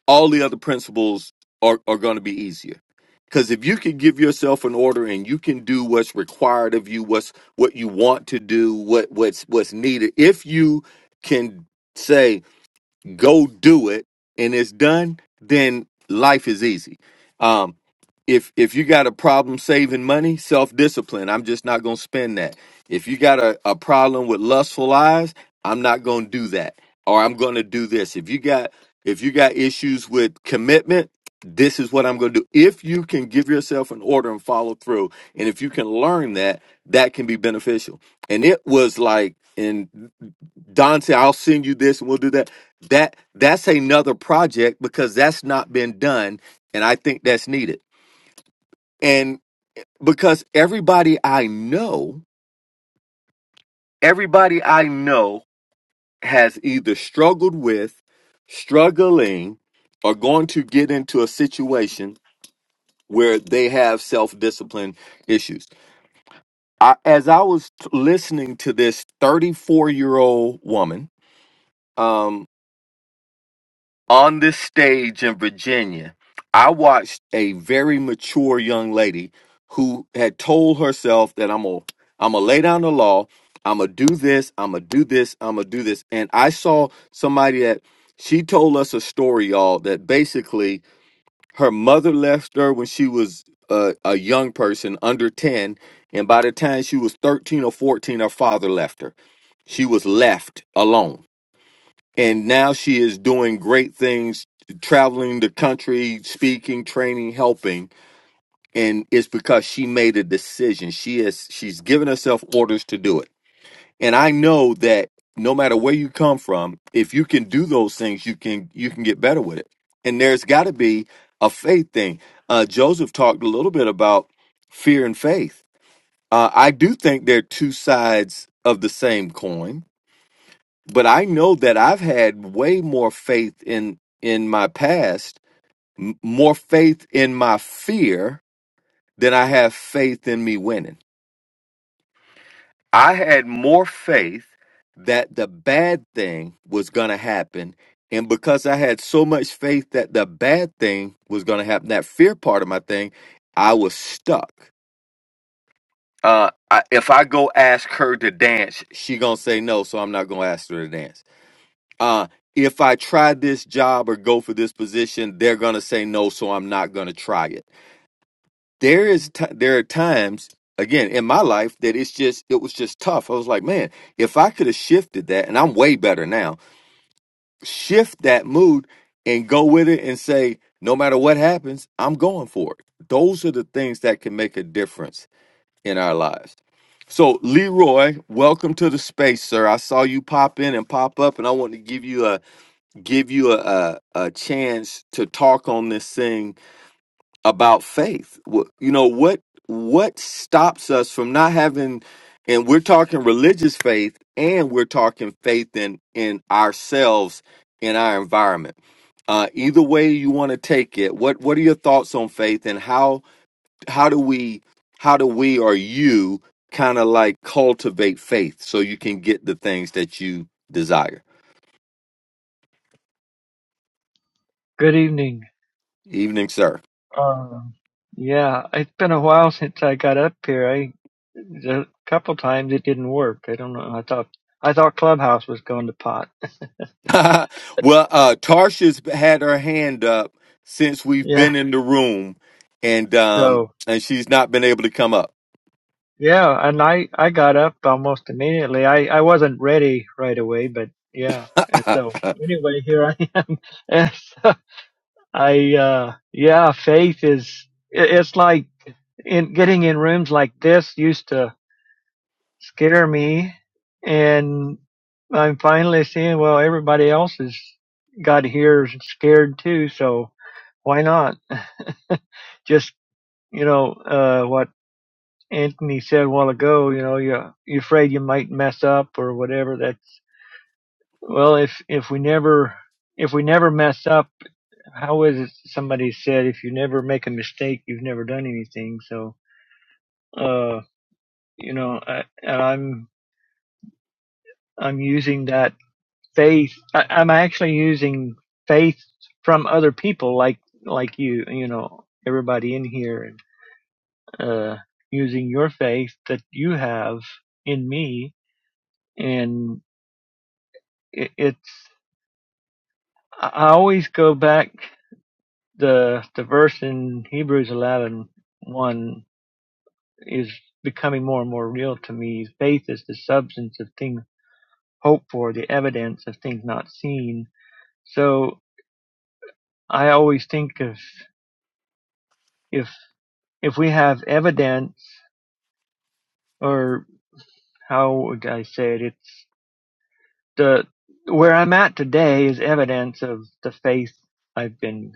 A: all the other principles are, are going to be easier because if you can give yourself an order and you can do what's required of you what's what you want to do what what's what's needed if you can say go do it and it's done, then life is easy. Um, if if you got a problem saving money, self discipline. I'm just not gonna spend that. If you got a, a problem with lustful eyes, I'm not gonna do that. Or I'm gonna do this. If you got if you got issues with commitment, this is what I'm gonna do. If you can give yourself an order and follow through, and if you can learn that, that can be beneficial. And it was like, and Don said, I'll send you this and we'll do that that that's another project because that's not been done and i think that's needed and because everybody i know everybody i know has either struggled with struggling or going to get into a situation where they have self-discipline issues I, as i was t- listening to this 34 year old woman um, on this stage in Virginia, I watched a very mature young lady who had told herself that I'm gonna I'm gonna lay down the law, I'm gonna do this, I'm gonna do this, I'm gonna do this, and I saw somebody that she told us a story, y'all, that basically her mother left her when she was a, a young person under ten, and by the time she was thirteen or fourteen, her father left her. She was left alone and now she is doing great things traveling the country speaking training helping and it's because she made a decision she is she's given herself orders to do it and i know that no matter where you come from if you can do those things you can you can get better with it and there's got to be a faith thing uh joseph talked a little bit about fear and faith uh i do think they're two sides of the same coin but I know that I've had way more faith in in my past, m- more faith in my fear than I have faith in me winning. I had more faith that the bad thing was going to happen and because I had so much faith that the bad thing was going to happen, that fear part of my thing, I was stuck. Uh, I, if I go ask her to dance, she gonna say no, so I'm not gonna ask her to dance uh, if I try this job or go for this position, they're going to say no, so I'm not going to try it. There is t- there are times again in my life that it's just it was just tough. I was like, man, if I could have shifted that, and I'm way better now. Shift that mood and go with it and say, no matter what happens, I'm going for it. Those are the things that can make a difference in our lives. So, Leroy, welcome to the space, sir. I saw you pop in and pop up, and I want to give you a give you a, a a chance to talk on this thing about faith. Wh- You know what what stops us from not having and we're talking religious faith and we're talking faith in in ourselves in our environment. Uh, either way you want to take it, what what are your thoughts on faith and how how do we how do we or you kind of like cultivate faith so you can get the things that you desire?
F: Good evening.
A: Evening, sir.
F: Um, yeah, it's been a while since I got up here. I a couple times it didn't work. I don't know. I thought I thought Clubhouse was going to pot.
A: [LAUGHS] well, uh, Tarsha's had her hand up since we've
F: Yeah.
A: been in the room, and um,
F: So
A: and she's not been able to come up.
F: yeah, and I I got up almost immediately. I I wasn't ready right away, but yeah. And
A: [LAUGHS] it,
F: so anyway, here I am. [LAUGHS] And so I uh yeah, faith is i- it's like in getting in rooms like this used to scared me and I'm finally seeing well everybody else has got here is scared too, so why not? [LAUGHS] Just you know, uh what Anthony said a while ago, you know, you you're afraid you might mess up or whatever. That's well if if we never if we never mess up, how is it somebody said if you never make a mistake you've never done anything, so uh you know, I, and I'm I'm using that faith. I, I'm actually using faith from other people, like like you, you know, everybody in here, uh, using your faith that you have in me, and it, it's. I I always go back the the verse in Hebrews 11, 1 is becoming more and more real to me. Faith is the substance of things hoped for, the evidence of things not seen. So I always think of if if we have evidence or how would I say it, it's the where I'm at today is evidence of the faith I've been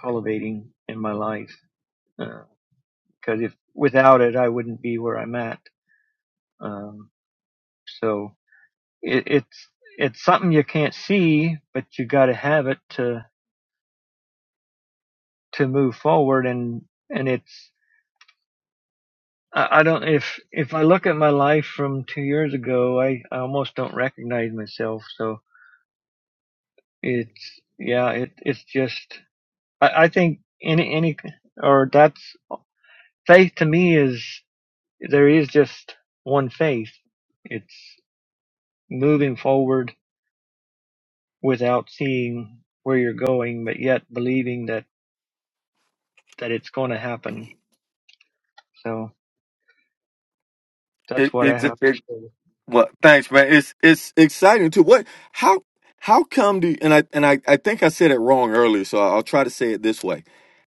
F: cultivating in my life. Because uh, if without it, I wouldn't be where I'm at. Um, so it, it's it's something you can't see, but you got to have it to to move forward. And and it's I, I don't if if I look at my life from two years ago, I, I almost don't recognize myself. So It's yeah, it it's just I, I think any any or that's faith to me is there is just one faith. It's moving forward without seeing where you're going, but yet believing that that it's going to happen. So that's what I
A: it, it,
F: have to
A: it-
F: say.
A: well, thanks, man. It's it's exciting too. What? How? How come do? And I and I, I think I said it wrong earlier, so I'll try to say it this way.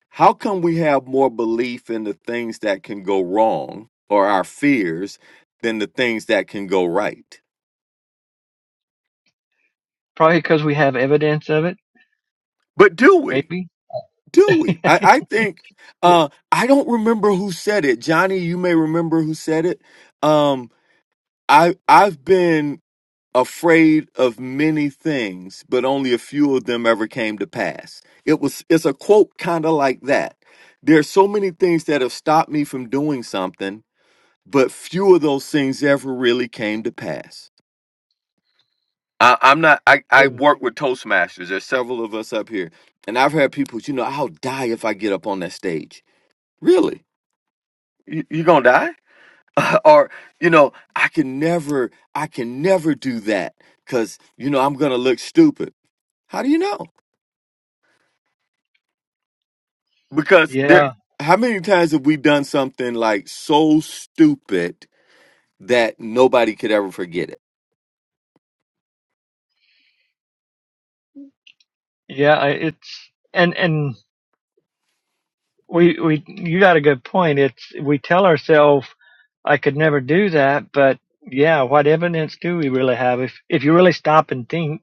A: How come we have more belief in the things that can go wrong or our fears than the things that can go right?
F: Probably because we have evidence of it,
A: But do we?
F: maybe. [LAUGHS]
A: do we? I, I think uh I don't remember who said it. Johnny, you may remember who said it. Um I I've been afraid of many things, but only a few of them ever came to pass. It was it's a quote kind of like that. There's so many things that have stopped me from doing something, but few of those things ever really came to pass. I, I'm not I, I work with Toastmasters. There's several of us up here. And I've had people, you know, I'll die if I get up on that stage. Really? you, you gonna die [LAUGHS] or you know i can never i can never do that because you know i'm gonna look stupid how do you know because
F: yeah,
A: there how many times have we done something like so stupid that nobody could ever forget it
F: yeah, I- it's and and we we you got a good point. It's we tell ourselves I could never do that, but yeah, what evidence do we really have? If if you really stop and think,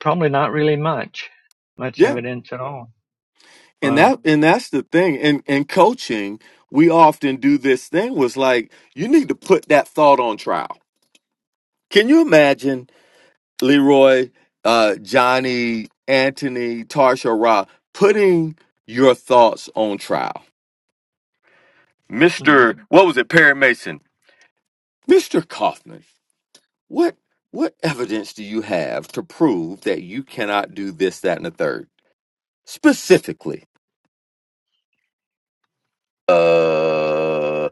F: probably not really much, much
A: yeah
F: evidence at all.
A: and
F: Wow.
A: that and that's the thing and in coaching we often do this thing was like you need to put that thought on trial can you imagine Leroy, uh, Johnny, Anthony, Tarsha Ra, putting your thoughts on trial.
F: hmm
A: Mr. What was it, Perry Mason? Mr. Kaufman, what what evidence do you have to prove that you cannot do this, that, and the third? Specifically. Uh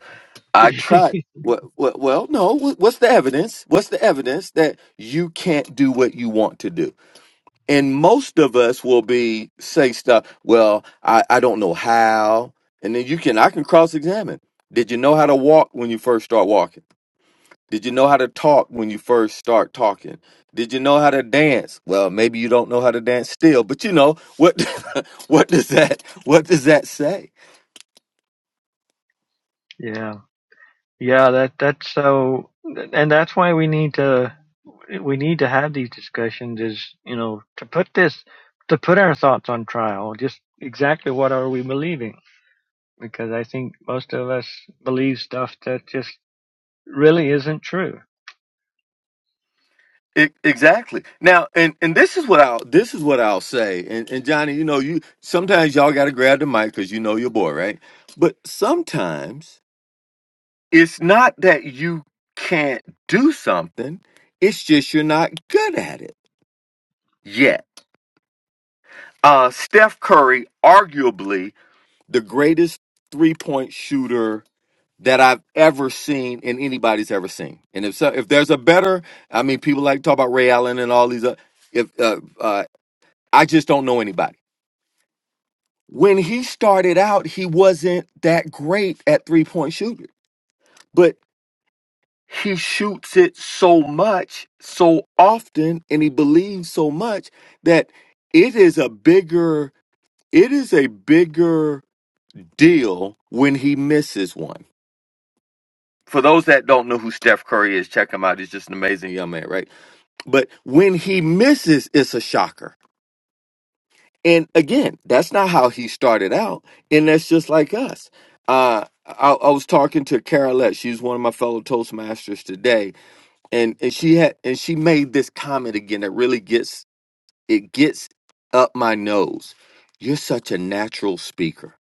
A: I
F: [LAUGHS]
A: tried. What, What? well, no. wh- What's the evidence? What's the evidence that you can't do what you want to do? And most of us will be say stuff, well, I, I don't know how. And then you can I can cross examine. Did you know how to walk when you first start walking? Did you know how to talk when you first start talking? Did you know how to dance? Well, maybe you don't know how to dance still, but you know what [LAUGHS] what does that what does that say?
F: Yeah. Yeah. That that's so, and that's why we need to we need to have these discussions. Is you know to put this to put our thoughts on trial. Just exactly what are we believing? because I think most of us believe stuff that just really isn't true.
A: E- exactly. Now, and and this is what I'll this is what I'll say. And and Johnny, you know, you sometimes y'all got to grab the mic cuz you know your boy, right? But sometimes It's not that you can't do something, it's just you're not good at it yet. Uh, Steph Curry, arguably the greatest three point shooter that I've ever seen and anybody's ever seen. And if so, if there's a better, I mean, people like to talk about Ray Allen and all these. Uh, if uh, uh, I just don't know anybody. When he started out, he wasn't that great at three point shooting. but. he shoots it so much, so often, and he believes so much that it is a bigger it is a bigger deal when he misses one. For those that don't know who Steph Curry is, check him out. He's just an amazing young man, right? But when he misses, it's a shocker. And again, that's not how he started out, and that's just like us. Uh, I, I was talking to Carolette. She's one of my fellow Toastmasters today, and and she had and she made this comment again that really gets it gets up my nose you're such a natural speaker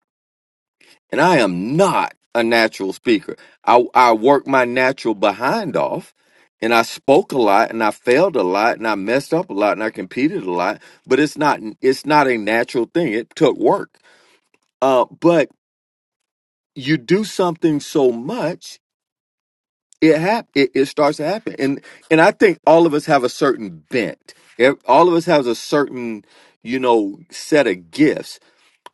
A: and i am not a natural speaker i i worked my natural behind off and i spoke a lot and i failed a lot and i messed up a lot and i competed a lot but it's not it's not a natural thing it took work uh but you do something so much it hap- it, it starts to happen and and i think all of us have a certain bent Ev- all of us has a certain you know set of gifts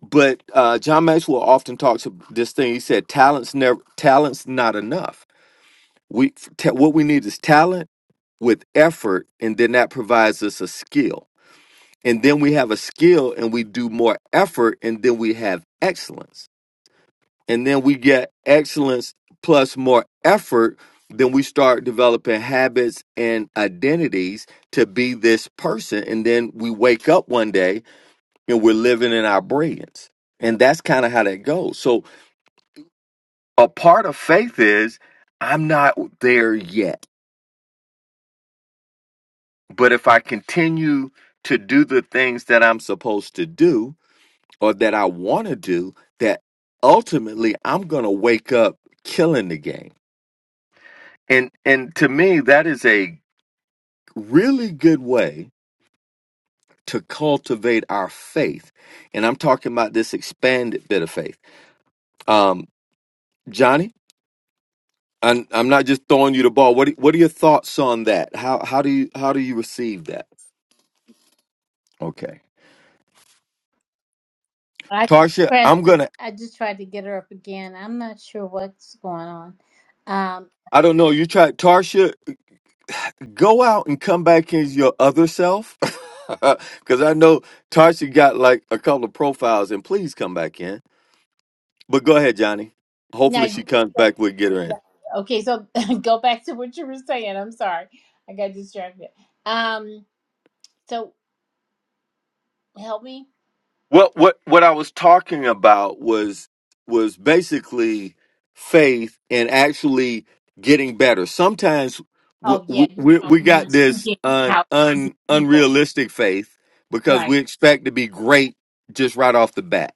A: but uh john maxwell often talks of this thing he said talents never talents not enough we ta- what we need is talent with effort and then that provides us a skill and then we have a skill and we do more effort and then we have excellence and then we get excellence plus more effort, then we start developing habits and identities to be this person. And then we wake up one day and we're living in our brilliance. And that's kind of how that goes. So a part of faith is I'm not there yet. But if I continue to do the things that I'm supposed to do or that I want to do, that ultimately I'm going to wake up killing the game And and to me, that is a really good way to cultivate our faith. And I'm talking about this expanded bit of faith. Um, Johnny, I'm, I'm not just throwing you the ball. What are- what are your thoughts on that? How how do you how do you receive that? Okay.
B: I
A: Tarsha,
B: pressed
A: I'm
B: the.
A: gonna.
B: I just tried to get her up again. I'm not sure what's going on. Um,
A: I don't know. You try, Tarsha. Go out and come back as your other self, [LAUGHS] because I know Tarsha got like a couple of profiles. And please come back in. But go ahead, Johnny.
B: now
A: Hopefully,
B: you
A: she
B: were
A: comes
B: saying
A: back. We'll get her in.
B: that, okay. So [LAUGHS] go back to what you were saying. I'm sorry, I got distracted. Um, so help me.
A: What what what I was talking about was was basically faith and actually getting better. Sometimes we
B: Oh yeah, you
A: we,
B: know
A: we
B: when you were
A: got this
B: speaking
A: un,
B: how easy
A: un
B: people.
A: unrealistic faith because we
B: Right.
A: expect to be great just right off the bat.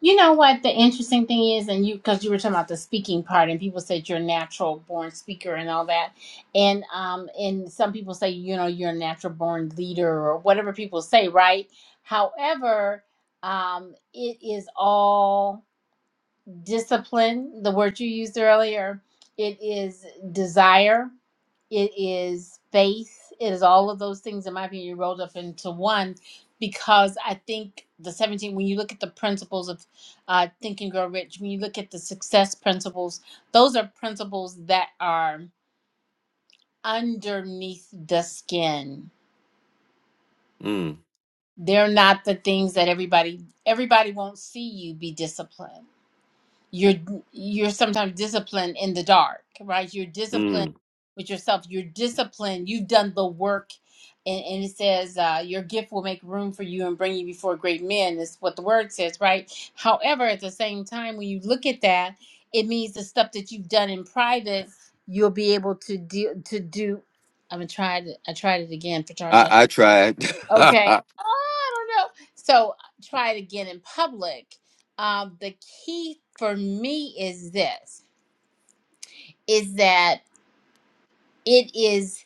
B: You know what the interesting thing is, and you because you were talking about the speaking part, and people said you're a natural born speaker and all that, and um, and some people say you know you're a natural born leader or whatever people say, right? However, um, it is all discipline. The word you used earlier, it is desire it is faith it is all of those things in my opinion you rolled up into one because i think the 17 when you look at the principles of uh, think and grow rich when you look at the success principles those are principles that are underneath the skin
A: Mm,
B: they're not the things that everybody everybody won't see you be disciplined you're you're sometimes disciplined in the dark right you're disciplined
A: mm.
B: with yourself you're disciplined you've done the work and, and it says uh, your gift will make room for you and bring you before great men is what the word says right however at the same time when you look at that it means the stuff that you've done in private you'll be able to do to do i'm gonna try it i tried it again patricia
A: I I tried. [LAUGHS]
B: Okay.
A: mm,
B: Oh, I don't know. So try it again in public. Um, the key for me is this is that it is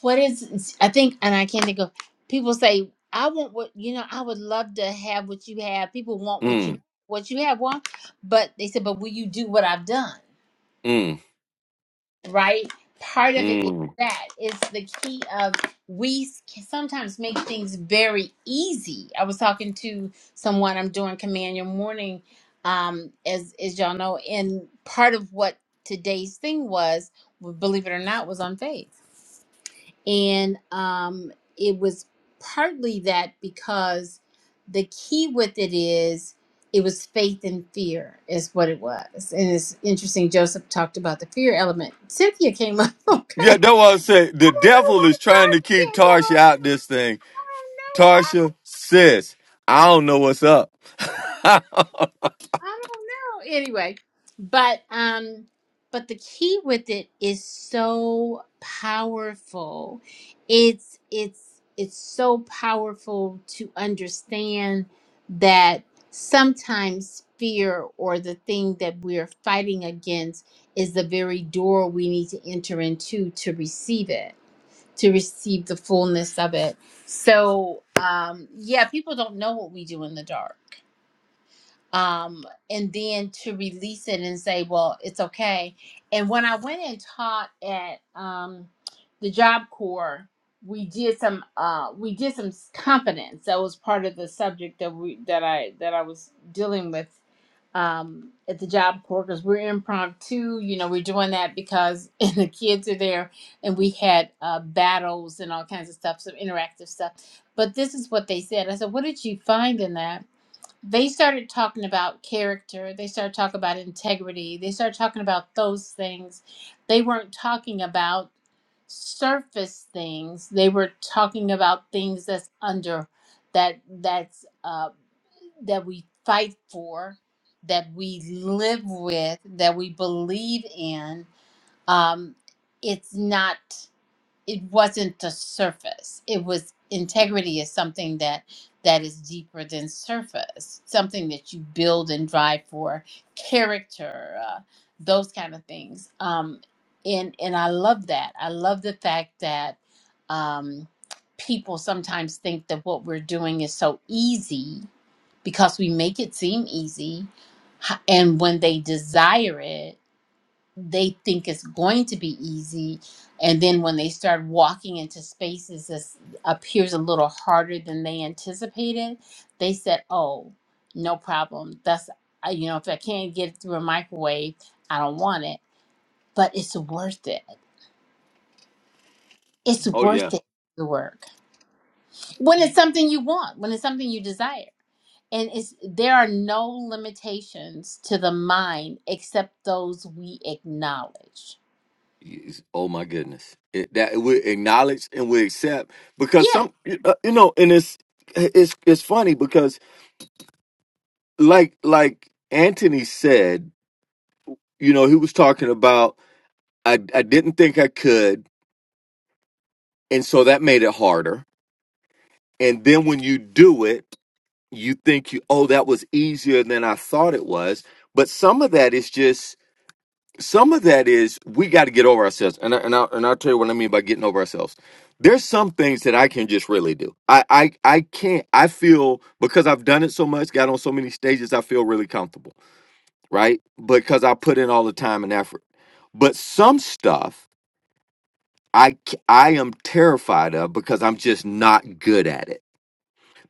B: what is I think and I can't think of people say I want what you know I would love to have what you have people want what you what you have want but they said but will you do what I've done
A: mm,
B: right? Part of it is
A: mm.
B: that is the key of we s- sometimes make things very easy. I was talking to someone I'm doing command your morning, um, as as y'all know, and part of what today's thing was, believe it or not, was on faith and um, it was partly that because the key with it is it was faith and fear, is what it was. And it's interesting, Joseph talked about the fear element. Cynthia came up, [LAUGHS] okay. I
A: Yeah, that's what I said. The
B: don't know
A: devil
B: why
A: is trying to
B: Dorothy
A: keep
B: can't come
A: Tarsha out this thing.
B: up.
A: Tarsha, sis, I don't know what's up. [LAUGHS]
B: I don't know. Anyway, but um but the key with it is so powerful. It's it's it's so powerful to understand that sometimes fear or the thing that we are fighting against is the very door we need to enter into to receive it, to receive the fullness of it. So, um yeah, people don't know what we do in the dark um, and then to release it and say, well, it's okay. And when I went and taught at um, the Job Corps, we did some uh, we did some confidence. That was part of the subject that we that I that I was dealing with um, at the Job Corps because we're impromptu. You know, we're doing that because [LAUGHS] and the kids are there, and we had uh, battles and all kinds of stuff, some interactive stuff. But this is what they said. I said, what did you find in that? they started talking about character they started talking about integrity they started talking about those things they weren't talking about surface things they were talking about things that's under that that's uh, that we fight for that we live with that we believe in um, it's not it wasn't the surface it was integrity is something that that is deeper than surface something that you build and drive for character uh, those kind of things um and and i love that i love the fact that um people sometimes think that what we're doing is so easy because we make it seem easy H- and when they desire it they think it's going to be easy and then when they start walking into spaces that appears a little harder than they anticipated they said oh no problem that's I- you know if i can't get it through a microwave i don't want it but it's worth it it's
A: oh yeah.
B: worth it the work when it's something you want when it's something you desire and it's there are no limitations to the mind except those we acknowledge
A: Yes. Oh my goodness. It, that we acknowledge and we accept because
B: Yeah.
A: some, uh, you know, and it's it's it's funny because like like Anthony said, you know, he was talking about I I didn't think I could, and so that made it harder. And then when you do it, you think you oh that was easier than I thought it was. But some of that is just some of that is we got to get over ourselves and I, and I, and I'll tell you what I mean by getting over ourselves there's some things that I can just really do I I I can't I feel because I've done it so much got on so many stages I feel really comfortable right because I put in all the time and effort but some stuff I c- I am terrified of because I'm just not good at it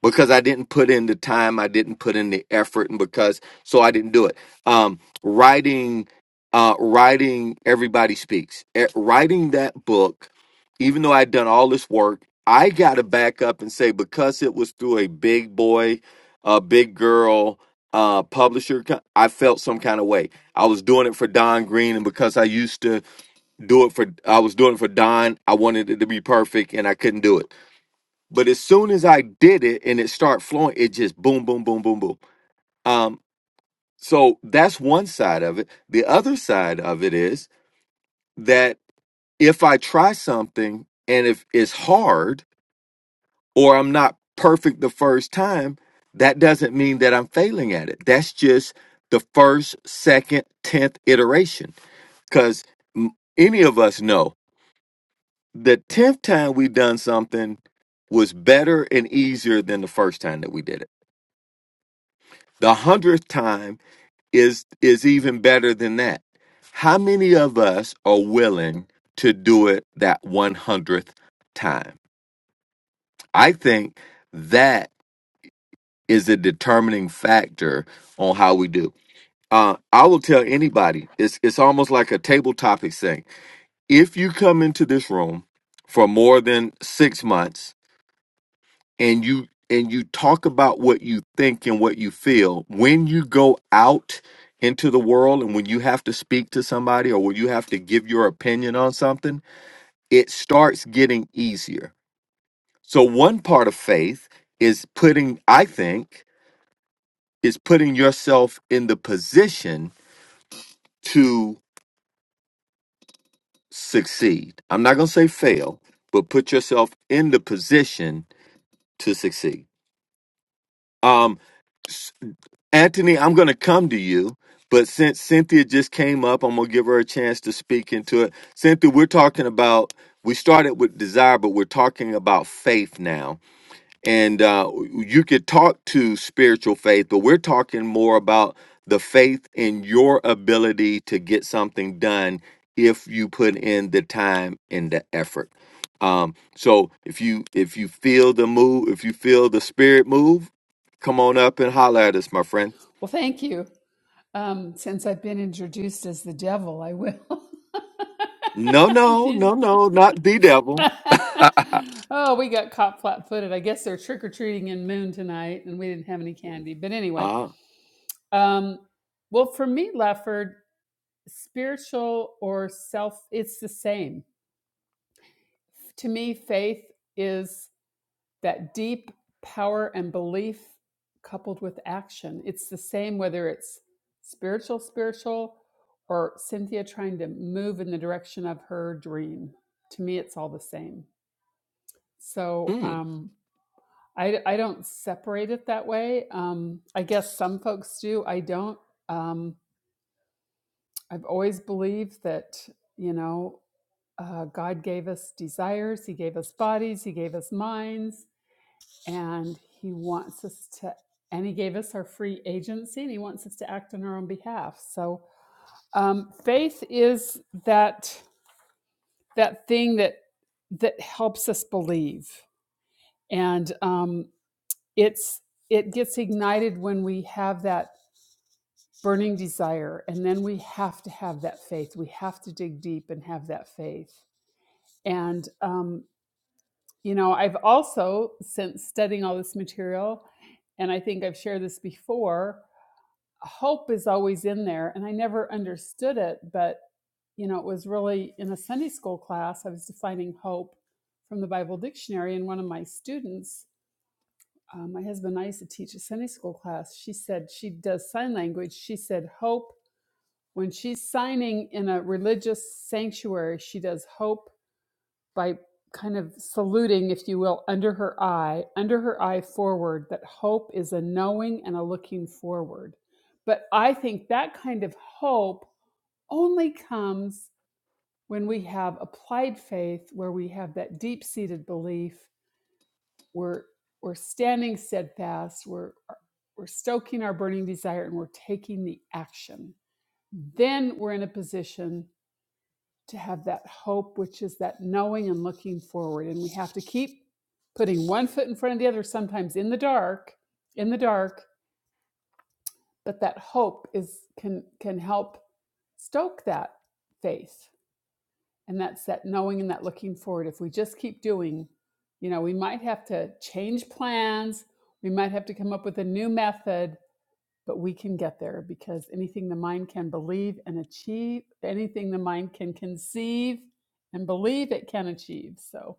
A: because I didn't put in the time, I didn't put in the effort, and because so I didn't do it. Um, writing, uh, writing, everybody speaks. Eh, writing that book, even though I'd done all this work, I got to back up and say because it was through a big boy, a big girl uh publisher co- i felt some kind of way i was doing it for don green and because i used to do it for i was doing it for don i wanted it to be perfect and i couldn't do it but as soon as I did it and it started flowing, it just boom, boom, boom, boom, boom. Um, so that's one side of it. The other side of it is that if I try something and if it's hard or I'm not perfect the first time, that doesn't mean that I'm failing at it. That's just the first, second, tenth iteration. Because any of us know the tenth time we done something was better and easier than the first time that we did it The hundredth time is is even better than that. How many of us are willing to do it that one hundredth time? I think that is a determining factor on how we do. Uh, I will tell anybody. It's it's almost like a table topic thing. If you come into this room for more than six months and you and you talk about what you think and what you feel when you go out into the world and when you have to speak to somebody or when you have to give your opinion on something it starts getting easier so one part of faith is putting i think is putting yourself in the position to succeed i'm not going to say fail but put yourself in the position to succeed um Anthony, I'm going to come to you, but since Cynthia just came up, I'm going to give her a chance to speak into it. Cynthia, we're talking about, we started with desire, but we're talking about faith now. And uh, you could talk to spiritual faith, but we're talking more about the faith in your ability to get something done if you put in the time and the effort. Um, so if you if you feel the move, if you feel the spirit move, come on up and holler at us, my friend.
G: Well, thank you. Um, since I've been introduced as the devil, I will.
A: No,
G: [LAUGHS] I'm
A: no,
G: teasing.
A: no, no, not the
G: [LAUGHS]
A: devil.
G: oh, we got caught flat footed. I guess they're trick or treating in Moon tonight, and we didn't have any candy. But anyway,
A: Ah,
G: um, well, for me, Lefford, spiritual or self, it's the same. To me, faith is that deep power and belief coupled with action. It's the same whether it's spiritual, spiritual, or Cynthia trying to move in the direction of her dream. To me, it's all the same. So
A: mm,
G: um, I, I don't separate it that way. Um, I guess some folks do. I don't. Um, I've always believed that, you know, uh, God gave us desires, He gave us bodies, He gave us minds and he wants us to and he gave us our free agency and he wants us to act on our own behalf so um, faith is that that thing that that helps us believe and um, it's it gets ignited when we have that burning desire and then we have to have that faith we have to dig deep and have that faith and um, you know i've also since studying all this material and i think i've shared this before hope is always in there and i never understood it but you know it was really in a sunday school class i was defining hope from the bible dictionary and one of my students uh, my husband and i used to teach a sunday school class she said she does sign language she said hope when she's signing in a religious sanctuary she does hope by kind of saluting, if you will, under her eye, under her eye forward, that hope is a knowing and a looking forward. But I think that kind of hope only comes when we have applied faith, where we have that deep seated belief, we're, we're standing steadfast, we're, we're stoking our burning desire, and we're taking the action. Then we're in a position to have that hope, which is that knowing and looking forward. And we have to keep putting one foot in front of the other, sometimes in the dark, in the dark, but that hope is can can help stoke that faith. And that's that knowing and that looking forward. If we just keep doing, you know, we might have to change plans, we might have to come up with a new method, but we can get there because anything the mind can believe and achieve, anything the mind can conceive and believe it can achieve. So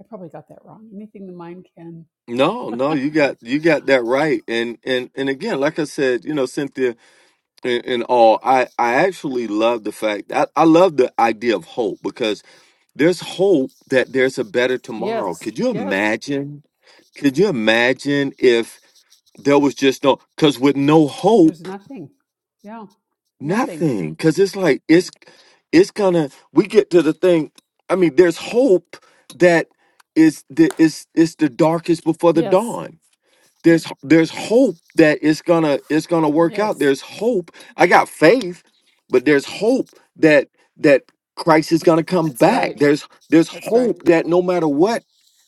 G: I probably got that wrong. Anything the mind can,
A: no, no, you got you got that right. And and and again, like I said, you know, Cynthia and, and all, I I actually love the fact I, I love the idea of hope because there's hope that there's a better tomorrow.
G: yes,
A: Could you
G: yes,
A: imagine? Could you imagine if there was just no? Because with no
G: there's
A: hope
G: nothing. Yeah, nothing.
A: Nothing, because it's like it's it's gonna. We get to the thing. I mean, there's hope that is the it's it's the darkest before the
G: Yes,
A: dawn. There's there's hope that it's gonna it's gonna work out.
G: yes,
A: There's hope. I got faith, but there's hope that that Christ is gonna come
G: that's
A: back.
G: right.
A: There's there's
G: That's right.
A: hope that no matter what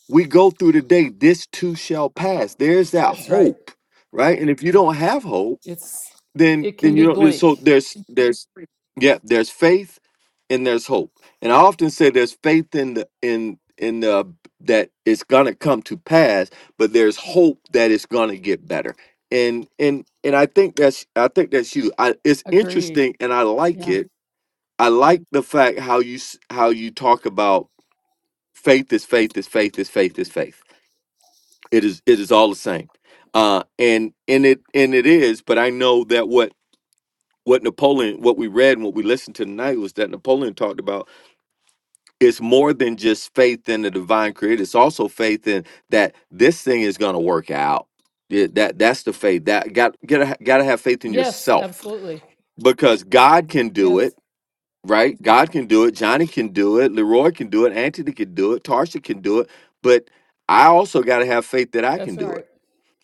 A: we go through today, this too shall pass. There's that
G: That's right.
A: hope, right? And if you don't have hope
G: It's,
A: then
G: it
A: then
G: can
A: you
G: be
A: don't so
G: bleak.
A: there's there's yeah there's faith and there's hope and i often say there's faith in the in in the that it's gonna come to pass but there's hope that it's gonna get better and and and i think that's i think that's you I, it's
G: Agree.
A: interesting and i like
G: Yeah.
A: it i like the fact how you s- how you talk about faith is faith is faith is faith is faith it is it is all the same uh and and it and it is but i know that what what Napoleon, what we read and what we listened to tonight was that Napoleon talked about it's more than just faith in the divine creator. It's also faith in that this thing is going to work out. Yeah, That that's the faith that got gotta gotta have faith in
G: Yes,
A: yourself
G: absolutely.
A: because God can do it.
G: Yes,
A: Right, God can do it. Johnny can do it. Leroy can do it. Anthony can do it. Tarsha can do it. But I also got to have faith that I can
G: that's
A: do it
G: right.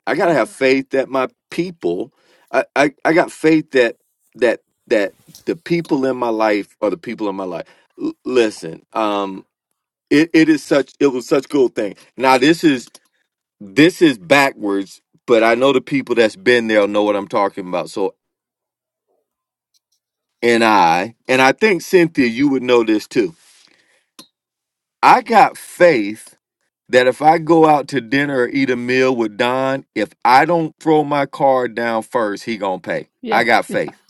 A: I gotta have faith that my people, I, I, I got faith that that that the people in my life are the people in my life. L- listen, um, it, it is such it was such a cool thing. Now this is this is backwards, but I know the people that's been there know what I'm talking about. So and I and I think Cynthia, you would know this too. I got faith that if I go out to dinner or eat a meal with Don, if I don't throw my card down first, he gonna pay. I
G: Yeah,
A: got
G: [LAUGHS] yeah,
A: faith.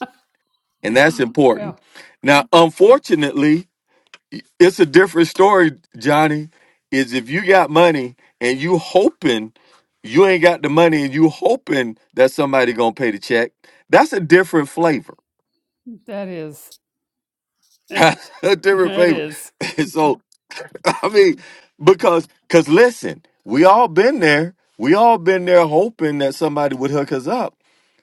A: and that's
G: yeah.
A: important. Now, unfortunately, it's a different story, Johnny. Is if you got money and you hoping you ain't got the money and you hoping that somebody gonna pay the check, that's a different flavor.
G: That is. [LAUGHS]
A: [LAUGHS] That's a different
G: that
A: flavor.
G: is.
A: [LAUGHS] so I mean, because because listen, we all been there. We all been there hoping that somebody would hook us up.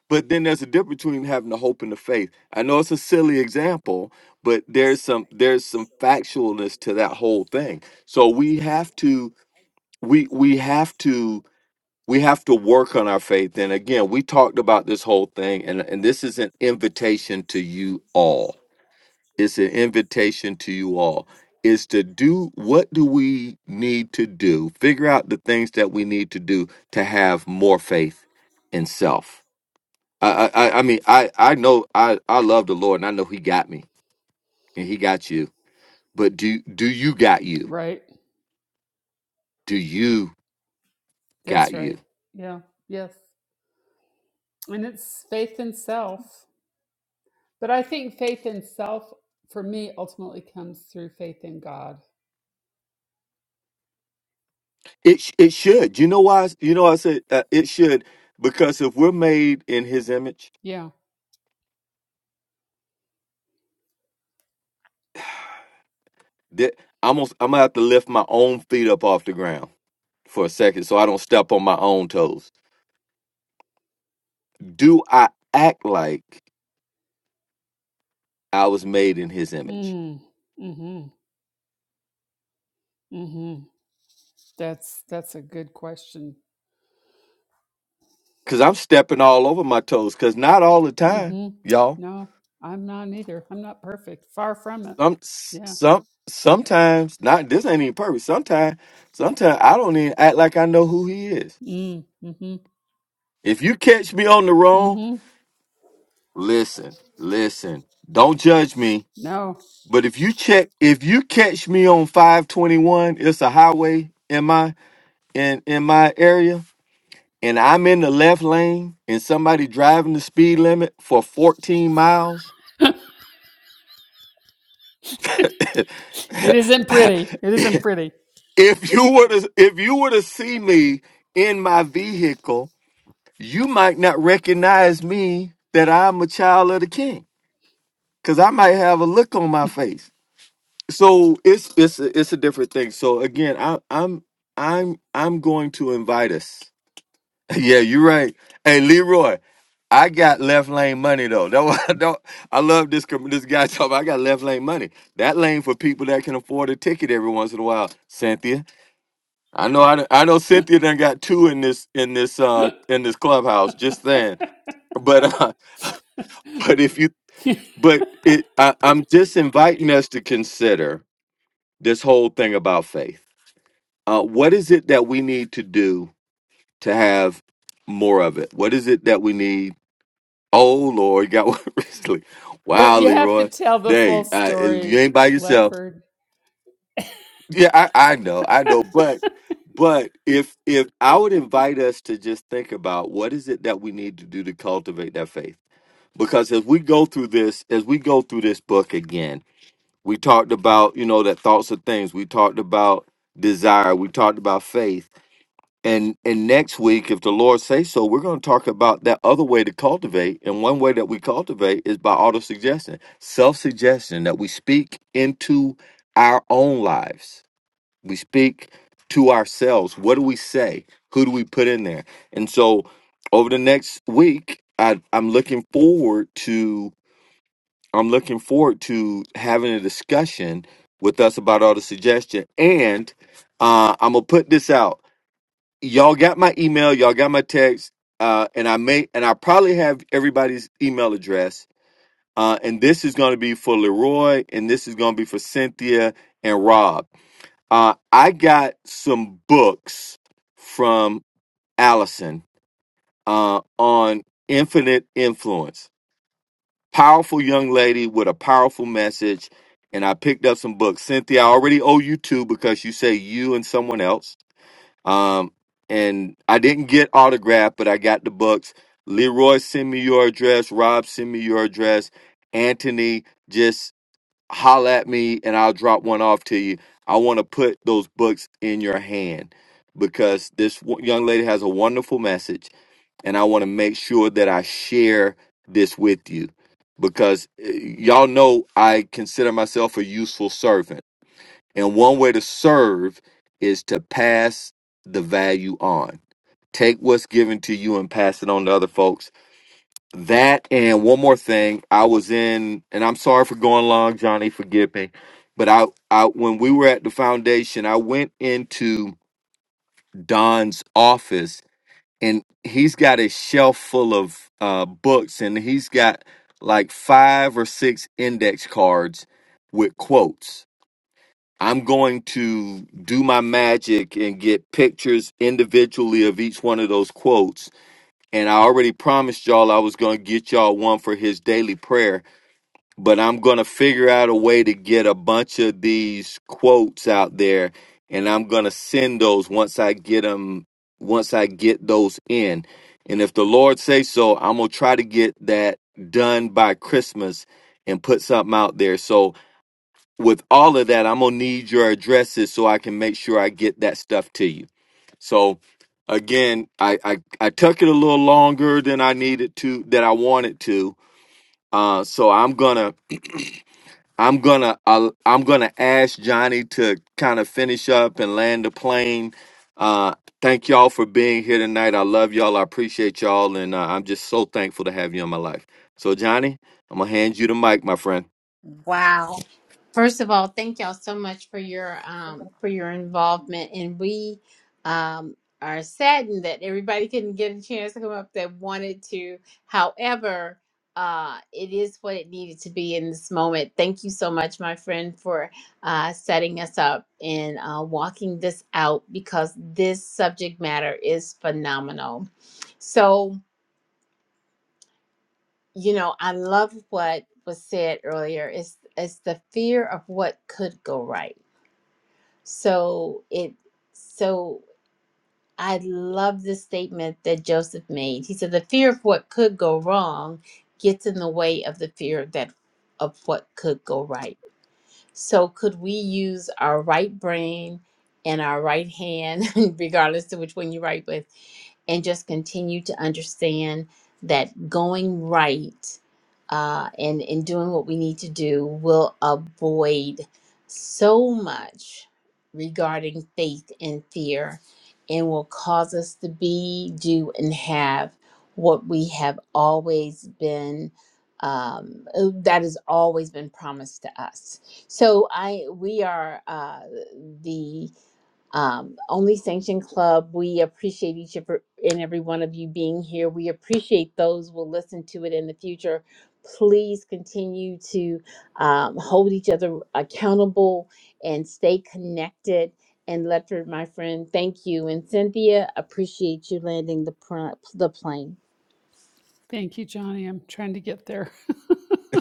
A: But then there's a difference between having the hope and the faith. I know it's a silly example, but there's some there's some factualness to that whole thing. So we have to we we have to we have to work on our faith. And again, we talked about this whole thing, and, and this is an invitation to you all. It's an invitation to you all. Is to do what do we need to do? Figure out the things that we need to do to have more faith in self I, I, I mean, I, I know I, I love the Lord, and I know He got me, and He got you. But do, do you got you?
G: Right.
A: Do you
G: That's
A: got you?
G: right. Yeah. Yes. And it's faith in self. But I think faith in self for me ultimately comes through faith in God.
A: It, sh- it should. You know why? You know I said uh, it should because if we're made in His image,
G: Yeah.
A: that I'm, gonna- I'm gonna have to lift my own feet up off the ground for a second, so I don't step on my own toes. Do I act like I was made in His image?
G: Mm. Mhm. Mhm. That's that's a good question.
A: Because I'm stepping all over my toes. Because not all the time,
G: Mhm.
A: y'all.
G: No, I'm not either. I'm not perfect. Far from it.
A: Some
G: Yeah.
A: some sometimes not this ain't even perfect. Sometimes sometimes I don't even act like I know who he is.
G: Mm. Mhm.
A: If you catch me on the wrong,
G: Mhm.
A: listen, listen. Don't judge me.
G: No.
A: But if you check if you catch me on 521, it's a highway in my in in my area, and I'm in the left lane and somebody driving the speed limit for 14 miles. [LAUGHS]
G: [LAUGHS] It isn't
A: if
G: pretty. It isn't pretty.
A: you were to if you were to see me in my vehicle you might not recognize me that I'm a child of the king because I might have a look on my face. So it's it's a, it's a different thing. So again, I, I'm I'm I'm going to invite us. [LAUGHS] yeah, you're right. Hey, Leroy, I got left lane money though. That was, [LAUGHS] that, I love this com- this guy [LAUGHS] talking. About, I got left lane money. That lane for people that can afford a ticket every once in a while. Cynthia, I know I, done- I know Cynthia done got two in this in this
G: [LAUGHS]
A: uh
G: but
A: in this clubhouse. Just saying but [LAUGHS] but if you but it I, i'm just inviting us to consider this whole thing about faith uh, what is it that we need to do to have more of it what is it that we need oh lord you got one [LAUGHS] recently wow
G: you have to
A: leroy
G: tell the full
A: dang uh, you
G: story,
A: ain't by yourself
G: Lefford.
A: yeah I, I know i know but but if if i would invite us to just think about what is it that we need to do to cultivate that faith because as we go through this as we go through this book again We talked about, you know, that thoughts are things. We talked about desire. We talked about faith. And and next week, if the Lord say so, we're going to talk about that other way to cultivate. And one way that we cultivate is by auto suggestion, self suggestion that we speak into our own lives. We speak to ourselves. What do we say? Who do we put in there? And so, over the next week, I, I'm looking forward to I'm looking forward to having a discussion with us about all the suggestion. And uh, I'm gonna put this out. Y'all got my email. Y'all got my text. Uh, and I may and I probably have everybody's email address. Uh, and this is gonna be for Leroy, and this is gonna be for Cynthia and Rob. Uh, I got some books from Allison uh, on infinite influence powerful young lady with a powerful message. And I picked up some books. Cynthia, I already owe you two because you say you and someone else. Um, and I didn't get autographed, but I got the books. Leroy, send me your address. Rob, send me your address. Anthony, just holla at me and I'll drop one off to you. I want to put those books in your hand because this wo- young lady has a wonderful message and I want to make sure that I share this with you because uh, y'all know I consider myself a useful servant. And one way to serve is to pass the value on. Take what's given to you and pass it on to other folks. That and one more thing, I was in and I'm sorry for going long, Johnny, forgive me. But I, I when we were at the foundation, I went into Don's office and he's got a shelf full of uh, books and he's got like five or six index cards with quotes i'm going to do my magic and get pictures individually of each one of those quotes and i already promised y'all i was going to get y'all one for his daily prayer but I'm going to figure out a way to get a bunch of these quotes out there and I'm going to send those once I get them once I get those in. And if the Lord say so, I'm going to try to get that done by Christmas and put something out there. So with all of that, I'm going to need your addresses so I can make sure I get that stuff to you. So again, I I, I took it a little longer than I needed to that I wanted to. Uh so I'm going to I'm gonna I'll- I'm gonna ask Johnny to kind of finish up and land the plane. Uh, thank y'all for being here tonight. I love y'all. I appreciate y'all, and uh, I'm just so thankful to have you in my life. So Johnny, I'm gonna hand you the mic, my friend.
B: Wow. First of all, thank y'all so much for your um for your involvement and we um are saddened that everybody couldn't get a chance to come up that wanted to. However, uh it is what it needed to be in this moment. Thank you so much, my friend, for uh setting us up and uh walking this out because this subject matter is phenomenal. So you know, I love what was said earlier. It's it's the fear of what could go right. So it so I love the statement that Joseph made. He said the fear of what could go wrong gets in the way of the fear that of what could go right. So, could we use our right brain and our right hand, [LAUGHS] regardless to which one you write with, and just continue to understand that going right uh, and, and doing what we need to do will avoid so much regarding faith and fear and will cause us to be, do, and have what we have always been, um, that has always been promised to us. So I we are uh, the um, only sanctioned club. We appreciate each of, er, and every one of you being here. We appreciate those who will listen to it in the future. Please continue to um, hold each other accountable and stay connected. And Ledford, my friend, thank you. And Cynthia, appreciate you landing the pr- the plane.
G: Thank you, Johnny. I'm trying to get there.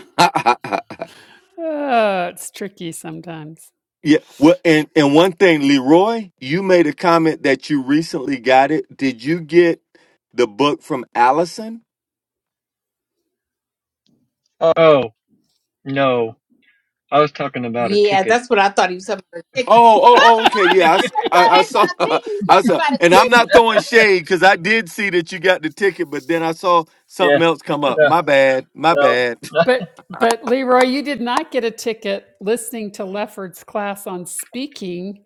A: [LAUGHS] yeah.
G: [LAUGHS] oh, it's tricky sometimes.
A: Well, and and one thing, Leroy, you made a comment that you recently got it. Did you get the book from Allison?
F: Oh, no. I was talking about a
B: Yeah,
F: ticket.
B: that's what I thought he was talking about. a ticket.
A: Oh, oh, oh, okay.
F: [LAUGHS]
A: Yeah, I, s-
B: I
A: I-
B: thought
A: I
B: I said.
A: saw,
B: I
A: [LAUGHS]
B: think he was
A: I
B: talking
A: saw,
B: about a
A: and I'm not
B: ticket.
A: throwing shade because I did see that you got the ticket, but then I saw something
F: Yeah,
A: else come up.
F: no,
A: My bad, my
F: no.
A: bad. [LAUGHS]
F: no.
G: But but Leroy, you did not get a ticket listening to Lefford's class on speaking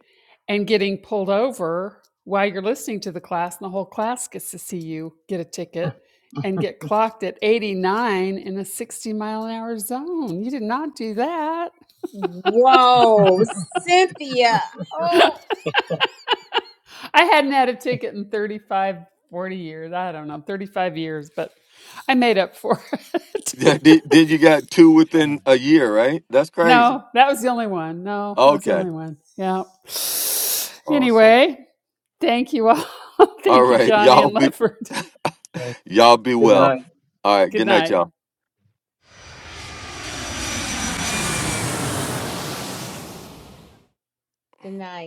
G: and getting pulled over while you're listening to the class and the whole class gets to see you get a ticket and get clocked at 89 in a 60 mile an hour zone. You did not do that.
B: Whoa, Cynthia. Oh,
G: I hadn't had a ticket in 35, 40 years. I don't know, 35 years, but I made up for it.
A: Yeah, Did, did you got two within a year, right? That's
G: [LAUGHS]
A: crazy.
G: no, that was the only one. No, that was the
A: Okay,
G: only one. Yeah.
A: awesome.
G: Anyway, thank you all. [LAUGHS]
A: All
G: thank you,
A: right, [LAUGHS]
G: Johnny
A: y'all
G: and
A: be,
G: Lefford.
F: Okay,
A: y'all be
F: [LAUGHS] Good night.
A: well. All right,
G: Good
A: good night,
G: night.
A: y'all.
B: good night.